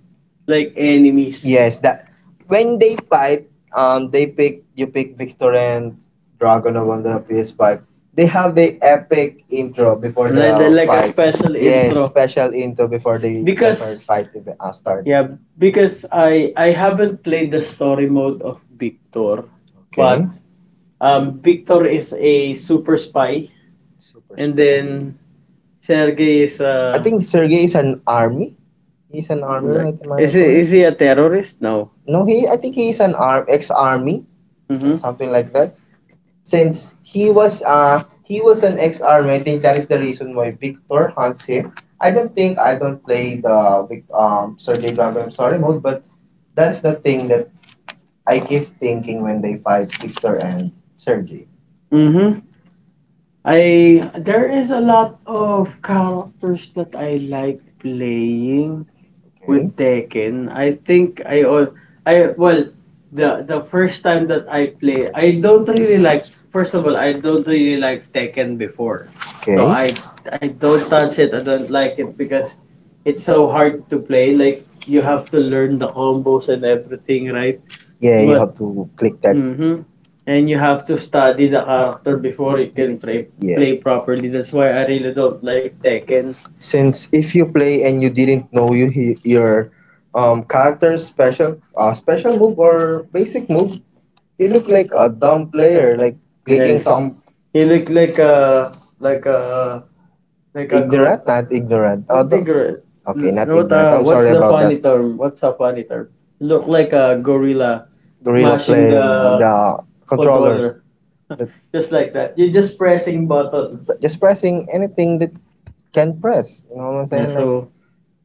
like enemies?
Yes, that when they fight, they pick you pick Victor and Dragunov on the PS5. They have a epic intro before the
Like a
fight.
special
Yes,
intro.
special intro before the
Because
first fight even start.
Yeah, because I haven't played the story mode of Victor. Yeah.
Okay.
But
But-
Victor is a super spy,
Super.
and then Sergey is,
I
I
think
a
Sergey is an army. He's an army,
like
right? Am I correct?
is he a terrorist? No.
No, he. I think he is an arm ex-army,
Mm-hmm.
something like that. Since he was an ex-army, I think that is the reason why Victor hunts him. I don't play the Sergey Dragunov story mode, but that is the thing that I keep thinking when they fight Victor and Sergey.
Mm-hmm. I There is a lot of characters that I like playing with
Okay.
Tekken. I think I all I well the first time that I play, I don't really like, first of all, I don't really like Tekken before.
Okay.
So I don't touch it. I don't like it because it's so hard to play. Like, you have to learn the combos and everything, right? Yeah.
Yeah, you
But
have to click that.
hmm and you have to study the character before you can play
Yeah.
play properly. That's why I really don't like Tekken.
Since if you play and you didn't know your character's special move or basic move.
He,
You
like
look like
like
a
a dumb
dumb
player,
player,
like
like
making. Yeah,
clicking
some.
some
He looked like a, like a, like a girl.
ignorant, not
Ignorant. Not ignorant.
ignorant.
Not,
Oh,
not ignorant.
okay, not
Not. What uh?
ignorant.
Ignorant.
I'm
What's,
sorry
sorry, the not
about that.
funny term? What's a funny term? Look like a gorilla ignorant
Gorilla
mashing
playing
player. The Yeah.
the
Controller,
controller. The-
just like that.
but
You're just pressing buttons.
Just pressing anything that can press. You know what I'm
Yeah.
saying? Like
So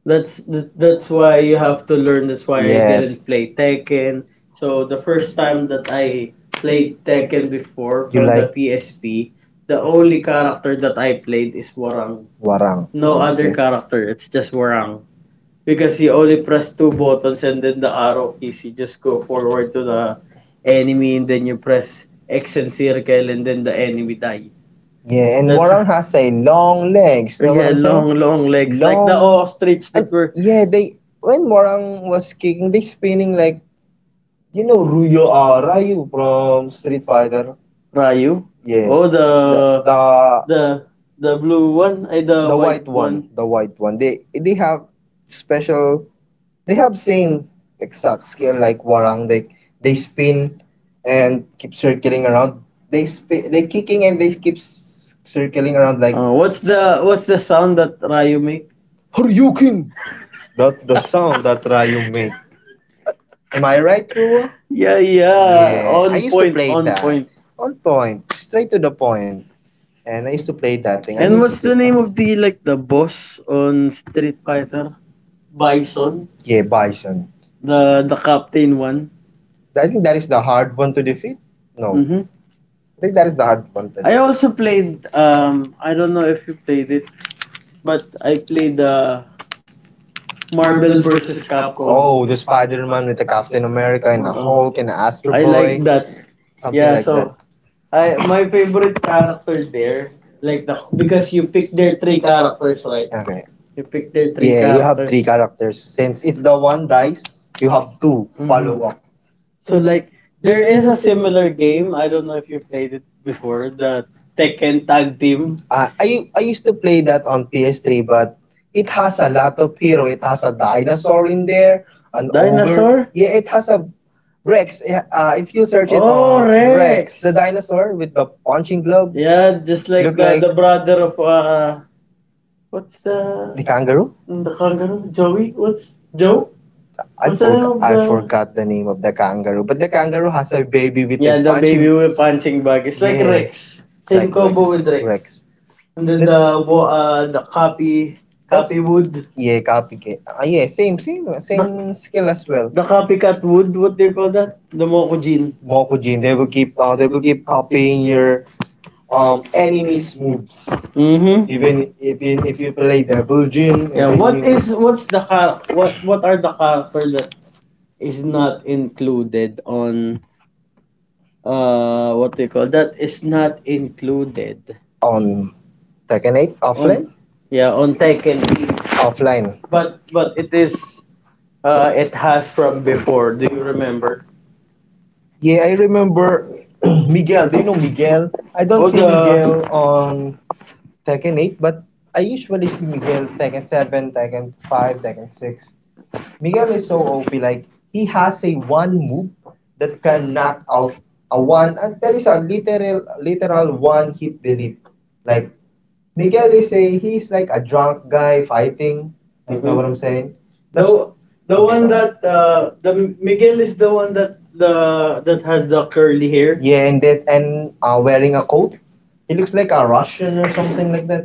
That's why you have to learn. That's why I didn't
yes,
play Tekken. So the first time that I played Tekken before
you
from the
like
PSP, the only character that I played is Warang.
Warang.
No other
Okay.
character. It's just Warang because you only press two buttons and then the arrow keys. You just go forward to the enemy and then you press X and circle and then the enemy die.
Yeah, and
That's
Warang has a long legs. You know what
yeah,
I'm saying?
long, long legs like the
Long
ostrich
And
that were.
yeah, they when Morang was kicking, they spinning like you know Ruyo or Ryu from Street Fighter.
Ryu?
Yeah,
Oh, the, the
the
the blue one, eh, the
the white
white one.
one, the white one. They have special. They have same exact skill like Warang. They spin and keep circling around. They spin, they kicking and they keep circling around like
What's the sound that Ryu make?
Horyukin. The sound that Rayo make. Am I right, Ruo?
Yeah, yeah,
Yeah, I
on
used to
point,
play
on
that.
point.
On point, straight to the point. And I used to play that thing. I
And
miss
what's the
Street
name of, the
Fighter.
like, the boss on Street Fighter? Bison,
Yeah, Bison.
the captain one.
I think that is the hard one to defeat. No,
hmm I
I think that is the hard one to
I also
defeat.
played, I don't know if you played it, but I played, Marvel versus Capcom.
Oh, the Spider-Man with the Captain America and the Hulk and the Astro
I
Boy,
like that. Something, yeah,
something
like that.
like
So
that.
I my favorite character there, like the, because you pick their three characters,
So,
right?
okay.
You pick their three
Yeah, you have three
characters.
characters. Since if the one dies, you have two follow
Mhm.
up.
So, like, there is a similar game. I don't know if you played it before, the Tekken Tag Team.
I used to play that on PS3, but it has a lot of hero. It has a dinosaur in there, an
Dinosaur?
ogre. Yeah, it has a Rex. If you search it
Oh,
on Rex,
Rex.
the
The
dinosaur with the punching glove,
Yeah, just
look
like the
like
the brother of, what's
the kangaroo.
the kangaroo, Joey? What's Joe? What's the name of
I forgot
the?
the name of the kangaroo, but the kangaroo has a baby with
Yeah,
a
the
punching.
baby with punching
Yeah,
bag. It's like Rex.
it's
Same
like
combo with
Rex.
Rex.
Rex.
And then the the copy
That's-
copy wood.
Yeah, copy game. Ah, yeah, same, same,
The
same skill as well.
the
The
copycat wood, what do you call that? The Mokujin.
Mokujin, they will keep, copying your enemies' moves.
Mm-hmm.
Even
if
if you play double Jin and
Yeah.
then
What anything.
you
Is what's the char- what are the character that is not included on, what do you call that, is not included
on Tekken 8
on,
offline,
yeah, on Tekken 8.
offline.
But it is, it has from before. Do you remember?
Yeah, I remember Miguel. Do you know Miguel? I don't
Oh
see
the
Miguel
on
on Tekken 8, but I usually see Miguel Tekken 7, Tekken 5, Tekken 6. Miguel is so OP, like he has a one move that can knock out a one that is a literal one hit delete. Like Miguel is a he's like a drunk guy fighting.
I
Like know what I'm saying? That's
The
okay,
the
go
one
on.
that, the Miguel is the one that the that has the curly hair.
Yeah, and wearing a coat. He looks like a Russian or something like that.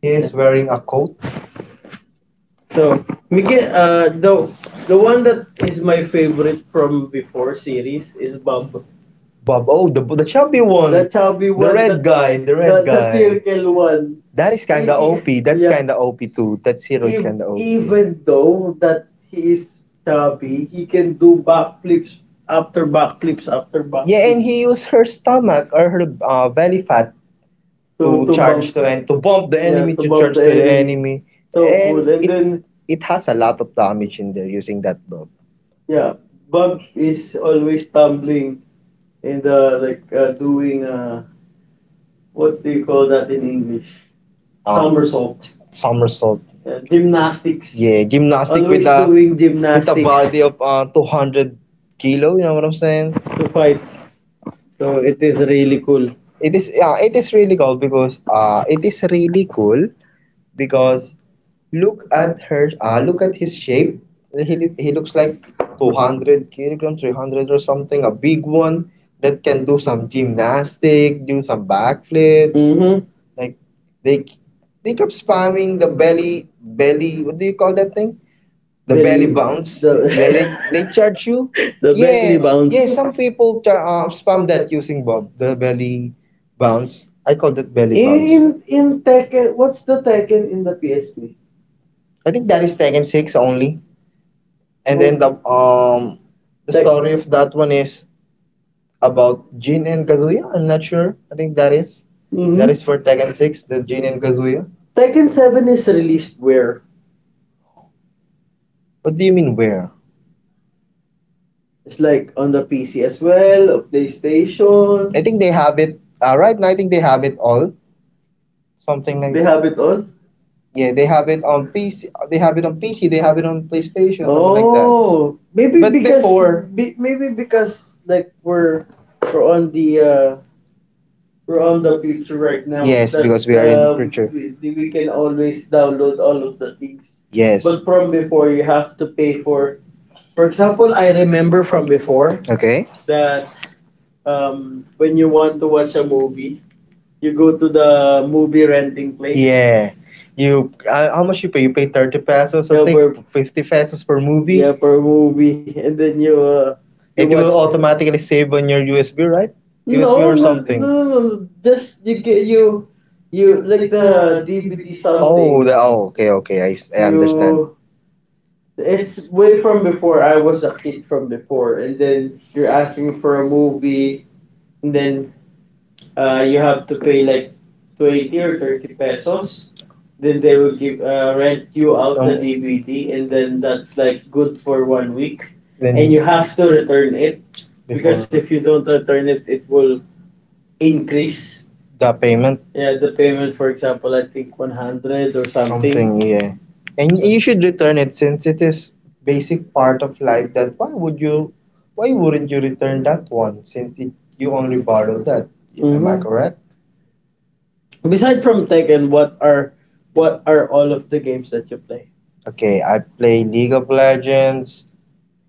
He
Yeah.
is wearing a coat.
So Miguel, the one that is my favorite from before series is Bob.
Bob, oh the
The
chubby
chubby, the one,
one. The red guy, the red
the
guy.
circle one.
That is kinda OP. That's
Yeah.
kinda OP too. That hero is kinda OP.
Even though that he is chubby, he can do backflips after backflips, after, yeah, backflips,
Yeah,
yeah.
and he used
his
her stomach or her belly fat to
to
charge
bump,
to
the Yeah,
and to bump the enemy
to bump
charge
the
to the
enemy.
enemy.
So
And
cool. And
it
then,
it has a lot of damage in there using that bow.
yeah, Bob is always tumbling, and, like, doing, what do you call that in English?
Um,
Somersault.
Somersault.
Yeah, gymnastics.
Yeah, gymnastic with
With
a
a
body of 200 kilo. You know what I'm saying?
To fight. So it is really cool.
It is, yeah, it is really cool because it is really cool because look at her look at his shape. He looks like 200 kilograms, 300 or something, a big one that can do some gymnastic, do some backflips. Like they they kept spamming the belly. What do you call that thing? The belly bounce. They they, they charge you. Yeah, yeah, some people try, spam that using Bob, the belly bounce. I called it belly bounce.
In Tekken, what's the Tekken in the PSP?
I think that is Tekken 6 only. And then the story of that one is about Jin and Kazuya. I'm not sure. I think that is for Tekken 6, the Jin and Kazuya.
Tekken 7 is released where?
What do you mean where?
It's like on the PC as well, or PlayStation.
I think they have it right now. I think they have it all. Something like
All.
that. Yeah, they have it on PC. They have it on PC. They have it on PlayStation. Something like
Oh,
that.
maybe
But
because,
before,
maybe because, like, we're on the, we're on the future right now,
yes,
that,
because we are in the
uh
future.
Switch. We can always download all of the things.
Yes.
But from before, you have to pay for example, I remember from before
Okay.
that, when you want to watch a movie, you go to the movie renting place.
Yeah. You How much you pay? You pay 30
Yeah,
pesos, I
per,
think 50 pesos per movie.
yeah, per movie, and then you, you
It
watch.
will automatically save on your USB, right?
No
USB or
no,
something.
no no no Just you get, you like the DVD. Oh, something.
Oh, okay, okay, I understand.
You It's way from before. I was a kid from before, and then you're asking for a movie, and then, you have to pay like 20 or 30 pesos. Then they will give rent you out
Um,
the DVD, and then
then-
that's like good for 1 week, and you have to return it,
Before.
because if you don't return it, it will increase.
The payment,
Yeah, the payment, for example, I think 100 or
something,
something.
yeah, and
And
you
you
should
should
return
return
it
it.
since it is basic part of life that why wouldn't you return that one since it, you only borrowed that. Am I,
Correct.
correct?
Beside from Tekken, what are, all of the games that you play?
Okay, I play League of Legends,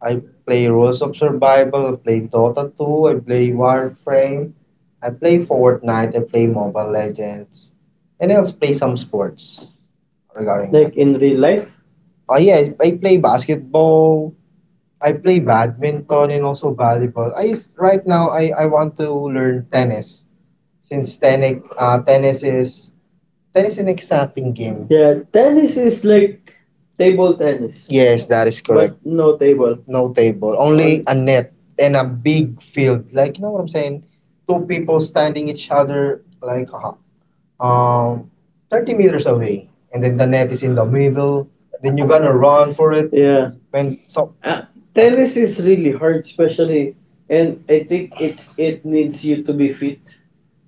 I play Rules of Survival, I play Dota 2, I play Warframe, I play Fortnite, I play Mobile Legends, and I also play some sports regarding that.
Like in real life?
Oh yeah, I play basketball. I play badminton and also volleyball. Right now, I want to learn tennis since tennis is an exciting game.
Tennis is like table tennis,
Yes, that is correct.
but no
No
table.
table, only a net and a big field. Like, you know what I'm saying? Two people standing each other like um 30 meters away, and then the net is in the middle. Then you're gonna run for it
Yeah.
when, so,
Uh, Tennis is really hard, especially, and I think it needs you to be fit,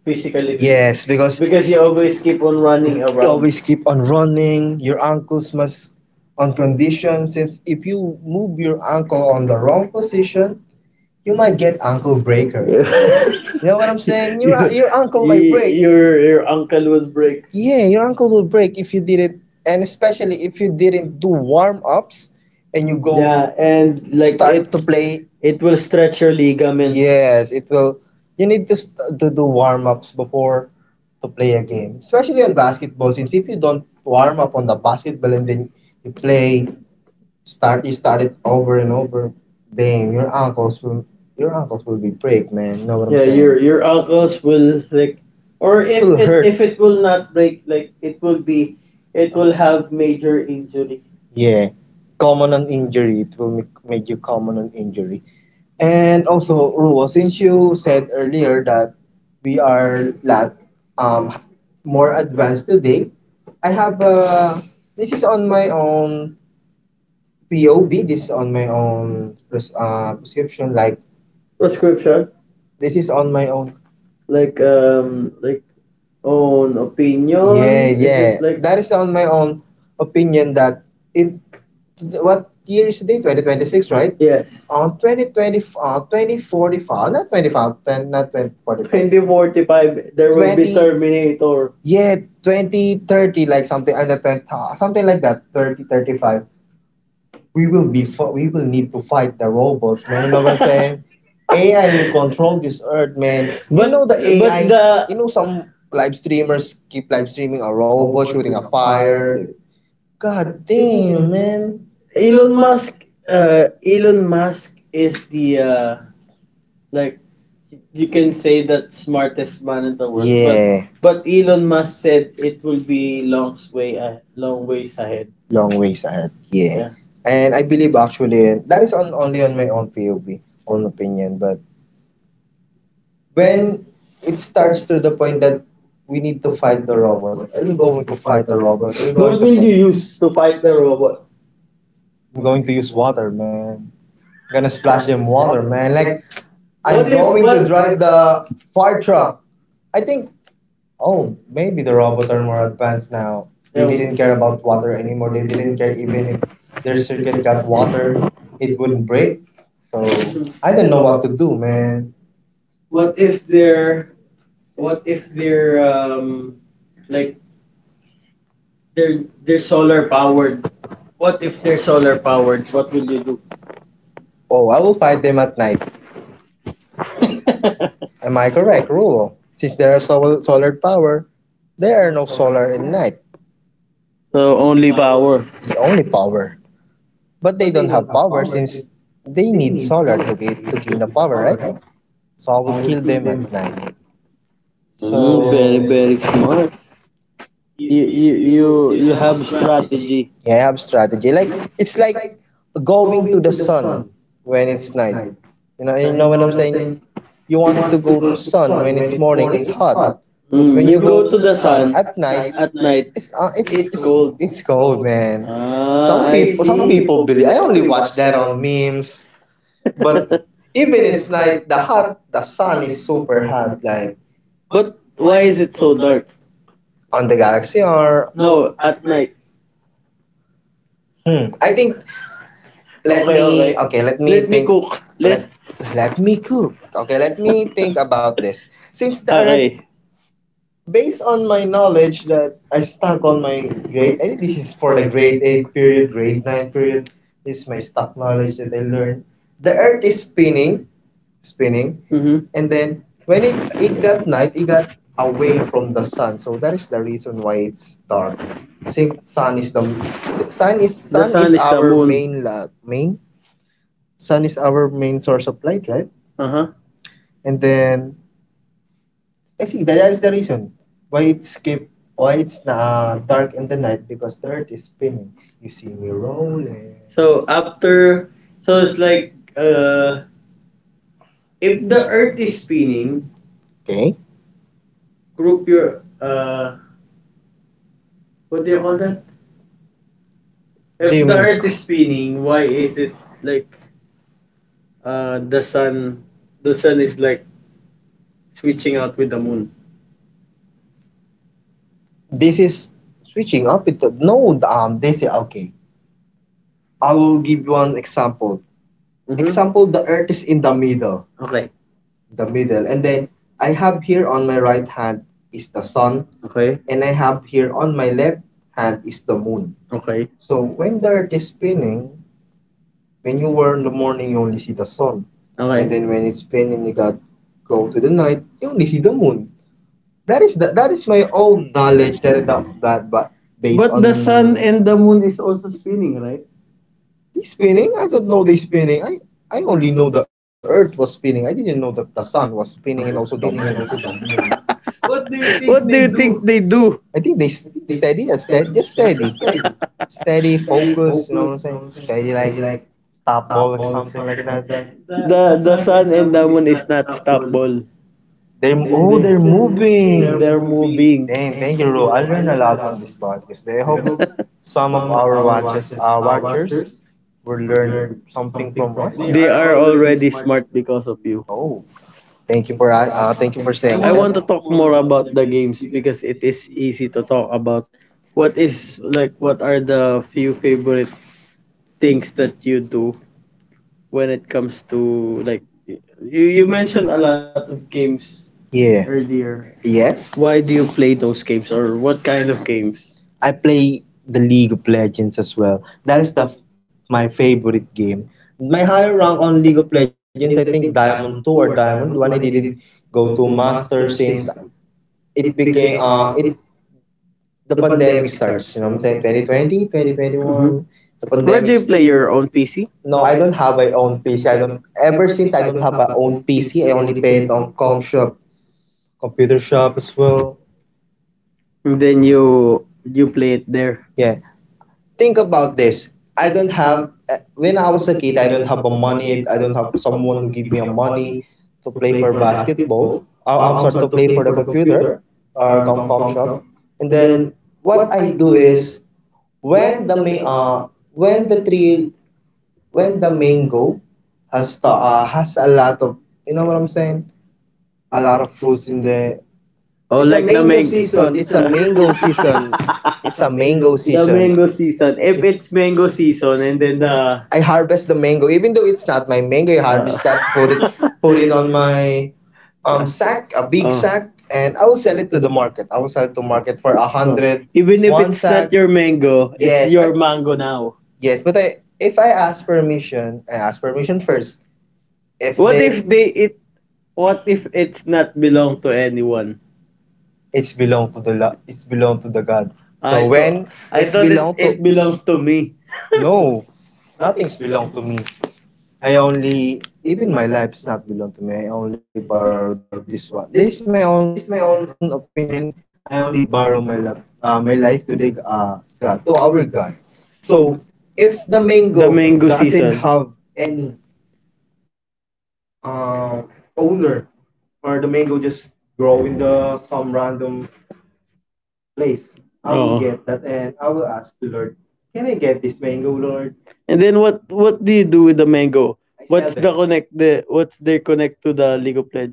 physically.
yes, because
You always keep on running,
you
you
always keep on running, your ankles must on condition since if you move your ankle on the wrong position, you might get ankle breaker.
You
You know what I'm saying? your
You-
your ankle might break.
your ankle will break.
Yeah, your ankle will break if you didn't, and especially if you didn't do warm-ups and you go
Yeah, and like
start to play.
it will stretch your ligaments.
Yes, it will. You need to to do warm ups before to play a game, especially in basketball. Since if you don't warm up on the basketball and then you play, start you start it over and over, damn, your ankles will be break, man. You know what I'm
Yeah,
saying?
your ankles will, like, or
It will hurt.
if it will not break, like, it will have major injury.
Yeah, common on injury. It will make you common on injury. And also, Ruo, since you said earlier that we are lot um more advanced today, I have this is on my own POB. This is on my own prescription. Like
Prescription,
this is on my own.
like, like
Oh,
own
yeah,
opinion?
yeah. That is on my own opinion. That In what year is today? 2026, right?
Yes?
Yes. On 2020,
forty
2045,
five
not 2510, not
forty
2045.
five
20, 45.
forty five
There
there.
will be,
Terminator.
yeah, 20, 30, like something under 10, something like that, 30, 35. We will need to fight the robots, man. You know what I'm saying? ai will control this earth, man. You But know the A I, but
But
ai the you know, some live streamers keep live streaming a robot shooting a fire like, god damn, man.
Elon Musk is the, like, you can say that smartest man in the
But,
world, but. Mm.
yeah,
But Elon Musk said it will be long way a long ways ahead.
long ways ahead, yeah, yeah.
Yeah.
And I believe actually, and that is on my own POV, own opinion, but when it starts to the point that we need to fight the robot, are you going to fight the robot? Are you going
What
to
will
fight?
you use to fight the robot?
I'm going to use water, man. Gonna splash them water, man. Like
What?
I'm
I'm
What
If
going to
what?
drive the fire truck. I think. Oh, maybe the robots are more advanced now. They didn't care
Yeah.
about water anymore. They didn't care even if their circuit got water, it wouldn't break. So
Mhm.
I don't know what to do, man.
What if they're what if they're, like, they're solar powered. What if they're solar powered? What will you do?
Oh, I will fight them at night. Am I correct, Rulo? Since there are solar power, there are no solar in night,
So only power.
only power. But they don't have power since they need solar to gain the power, right? So I will kill them at night.
Mm, very
So
very smart. You you you you have strategy.
yeah, I have strategy. Like it's like going to the sun when it's night. You know what I'm saying? You wanted to go to sun when it's morning. It's hot, but
Mm,
when
you
you go to
go to
the
the
sun
sun
at night,
at night.
it's uh, it's
It's
it's cold.
cold.
It's cold, man. Ah, some,
Ah,
I,
I
people,
see.
some, see,
Some.
people believe I only watch that on memes, but even it's night the hot the sun is super hot, like
But why is it so dark?
on the galaxy or.
No, at night.
I think, let me
Okay,
okay, let
okay.
me
Let me
think.
cook.
let
Let.
Let me cook. Okay, let me think about this. Since the earth,
Okay.
based on my knowledge that I stuck on my grade, I think this is for the grade 8 period, grade 9 period. This is my stuck knowledge that I learned. The earth is spinning, spinning,
Mhm.
and then when it got night it got away from the sun, so that is the reason why it's dark. I think sun is the
The sun
sun
sun
is
is the
our
moon.
main. Main la- main sun is our main source of light, right?
Uh-huh.
And then I think that, that is the reason why it's dark in the night because the earth is spinning. You see me rolling.
So after, it's like, uh if the earth is spinning,
Okay,
group your, what do you call that?
do
If
you
the
mean
earth is spinning, why is it, like, uh the sun the sun is like switching out with the moon?
this is switching up? It no They say, okay, I will give you one example. Mm-hmm.
Mhm.
Example, the earth is in the middle,
Okay.
and then I have here on my right hand is the sun,
Okay.
and I have here on my left hand is the moon.
Okay.
So when the earth is spinning, when you were in the morning you only see the sun. Okay.
Okay.
And then when it's spinning you got go to the night you only see the moon. That is that that is my own knowledge. That that that But based
But
on,
the sun and the moon is also spinning, right?
they spinning. I don't know they spinning. I only know the earth was spinning. I didn't know that the sun was spinning and also the moon.
What do you think they do?
I think they steady and steady, just steady. Steady focus, you know what I'm saying? Steady like stop ball or something like that.
The sun and the moon is not stoppable.
They, oh, they're
They
moving. Moving.
they're
Moving.
moving.
Dang, thank you, Ro. I learned a lot from this podcast. I hope some of our watchers will learn something from us.
They are already smart because of you.
Oh, thank you for I saying
I
that.
want to talk more about the games because it is easy to talk about what is like what are the few favorite things that you do when it comes to, like, you mentioned a lot of games
Yeah.
earlier.
Yes.
Why do you play those games, or what kind of games?
I play the League of Legends as well. That is the my favorite game. My higher rank on League of Legends, I think Diamond Two or Diamond One. I didn't go to Master since it became it the pandemic starts. You know what I'm saying? 2020, 2021.
Where
The
do
Where
you
do
play
pandemic.
your own PC?
No, I don't have my own PC. I don't. Ever since I don't have my own PC, I only play it on com shop, computer shop as well.
And then you play it there.
Yeah. Think about this. I don't have. When I was a kid, I don't have a money. I don't have someone who give me a money to play for basketball. Or I'm sorry, to play for the computer or com com shop. And then what I do is when the main when the tree when the mango has the, has a lot of, you know what I'm saying, a lot of fruits in there,
Oh,
it's a
like the
mango
mango.
season, it's a mango The
The
season.
mango season. If
It's,
it's mango season, and then the,
I harvest the mango even though it's not my mango, I harvest that, put it
uh,
put it on my sack, a big, sack, and I will sell it to the market. I will sell it to market for 100,
even
one sack.
your mango,
Yes, your,
mango
I,
now.
yes, but I if I ask permission, I ask permission first. If
It, they
they
it What if it's not belong to anyone?
it's belong to the it's belong to the God. So when it's belong to,
Belongs to me.
no, nothing's belong to me. I only, even my life's not belong to me. I only borrow this one. This is my own opinion. I only borrow my love, my life to the God, to our God.
And then what do you do with the mango? Connect the What's their connect to the League of Legends?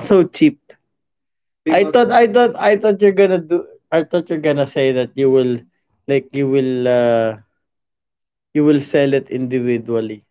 So cheap? I thought you're gonna do I thought you're gonna say that you will, like, you will sell it individually.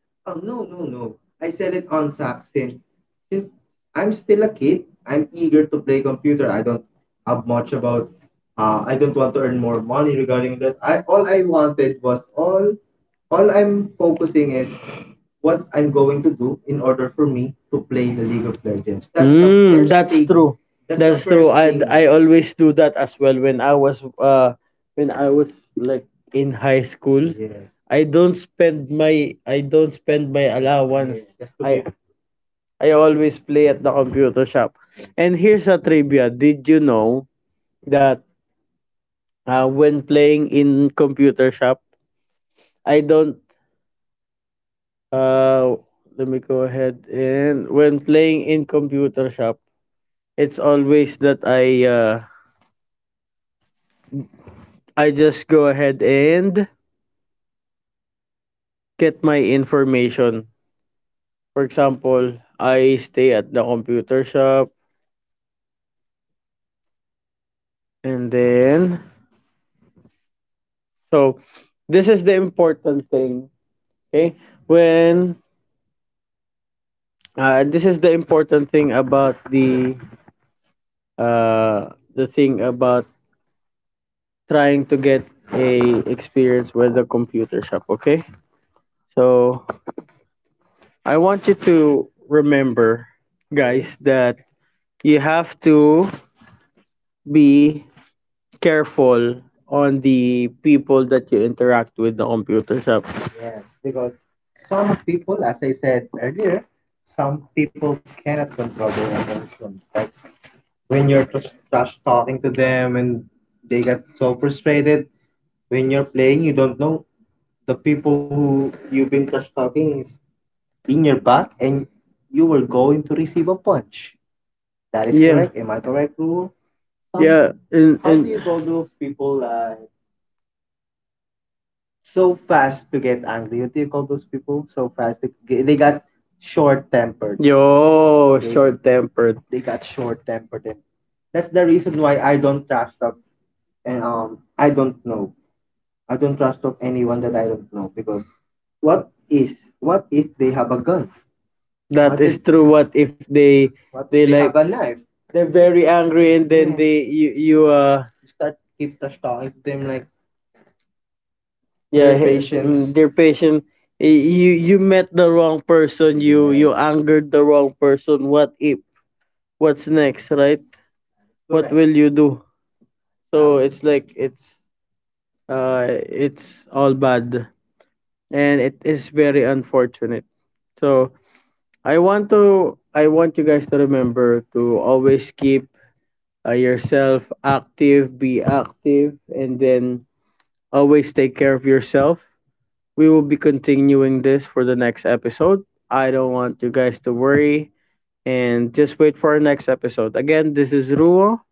True. That's true. First I thing. I always do that as well when I was, when I was, like, in high school. Yes. I don't spend my, yes, allowance. Just to I be. I always play at the computer shop. Yes. And here's a trivia. Did you know that, when playing in computer shop, I don't uh let me go ahead, and when playing in computer shop, it's always that I just go ahead and get my information. For example, I stay at the computer shop, and then, so, this is the important thing, okay? When This is the important thing about the, the thing about trying to get a experience with the computer shop, okay? So I want you to remember, guys, that you have to be careful on the people that you interact with the computer shop. And, yo, short tempered. True. What if they're very angry, and you yeah, dear patient, you met the wrong person. You angered the wrong person. What if? What's next, right? What will you do? So it's all bad, and it is very unfortunate. So I want you guys to remember to always keep, yourself active, be active, and then always take care of yourself. We will be continuing this for the next episode. I don't want you guys to worry, and just wait for our next episode. Again, this is Ruo.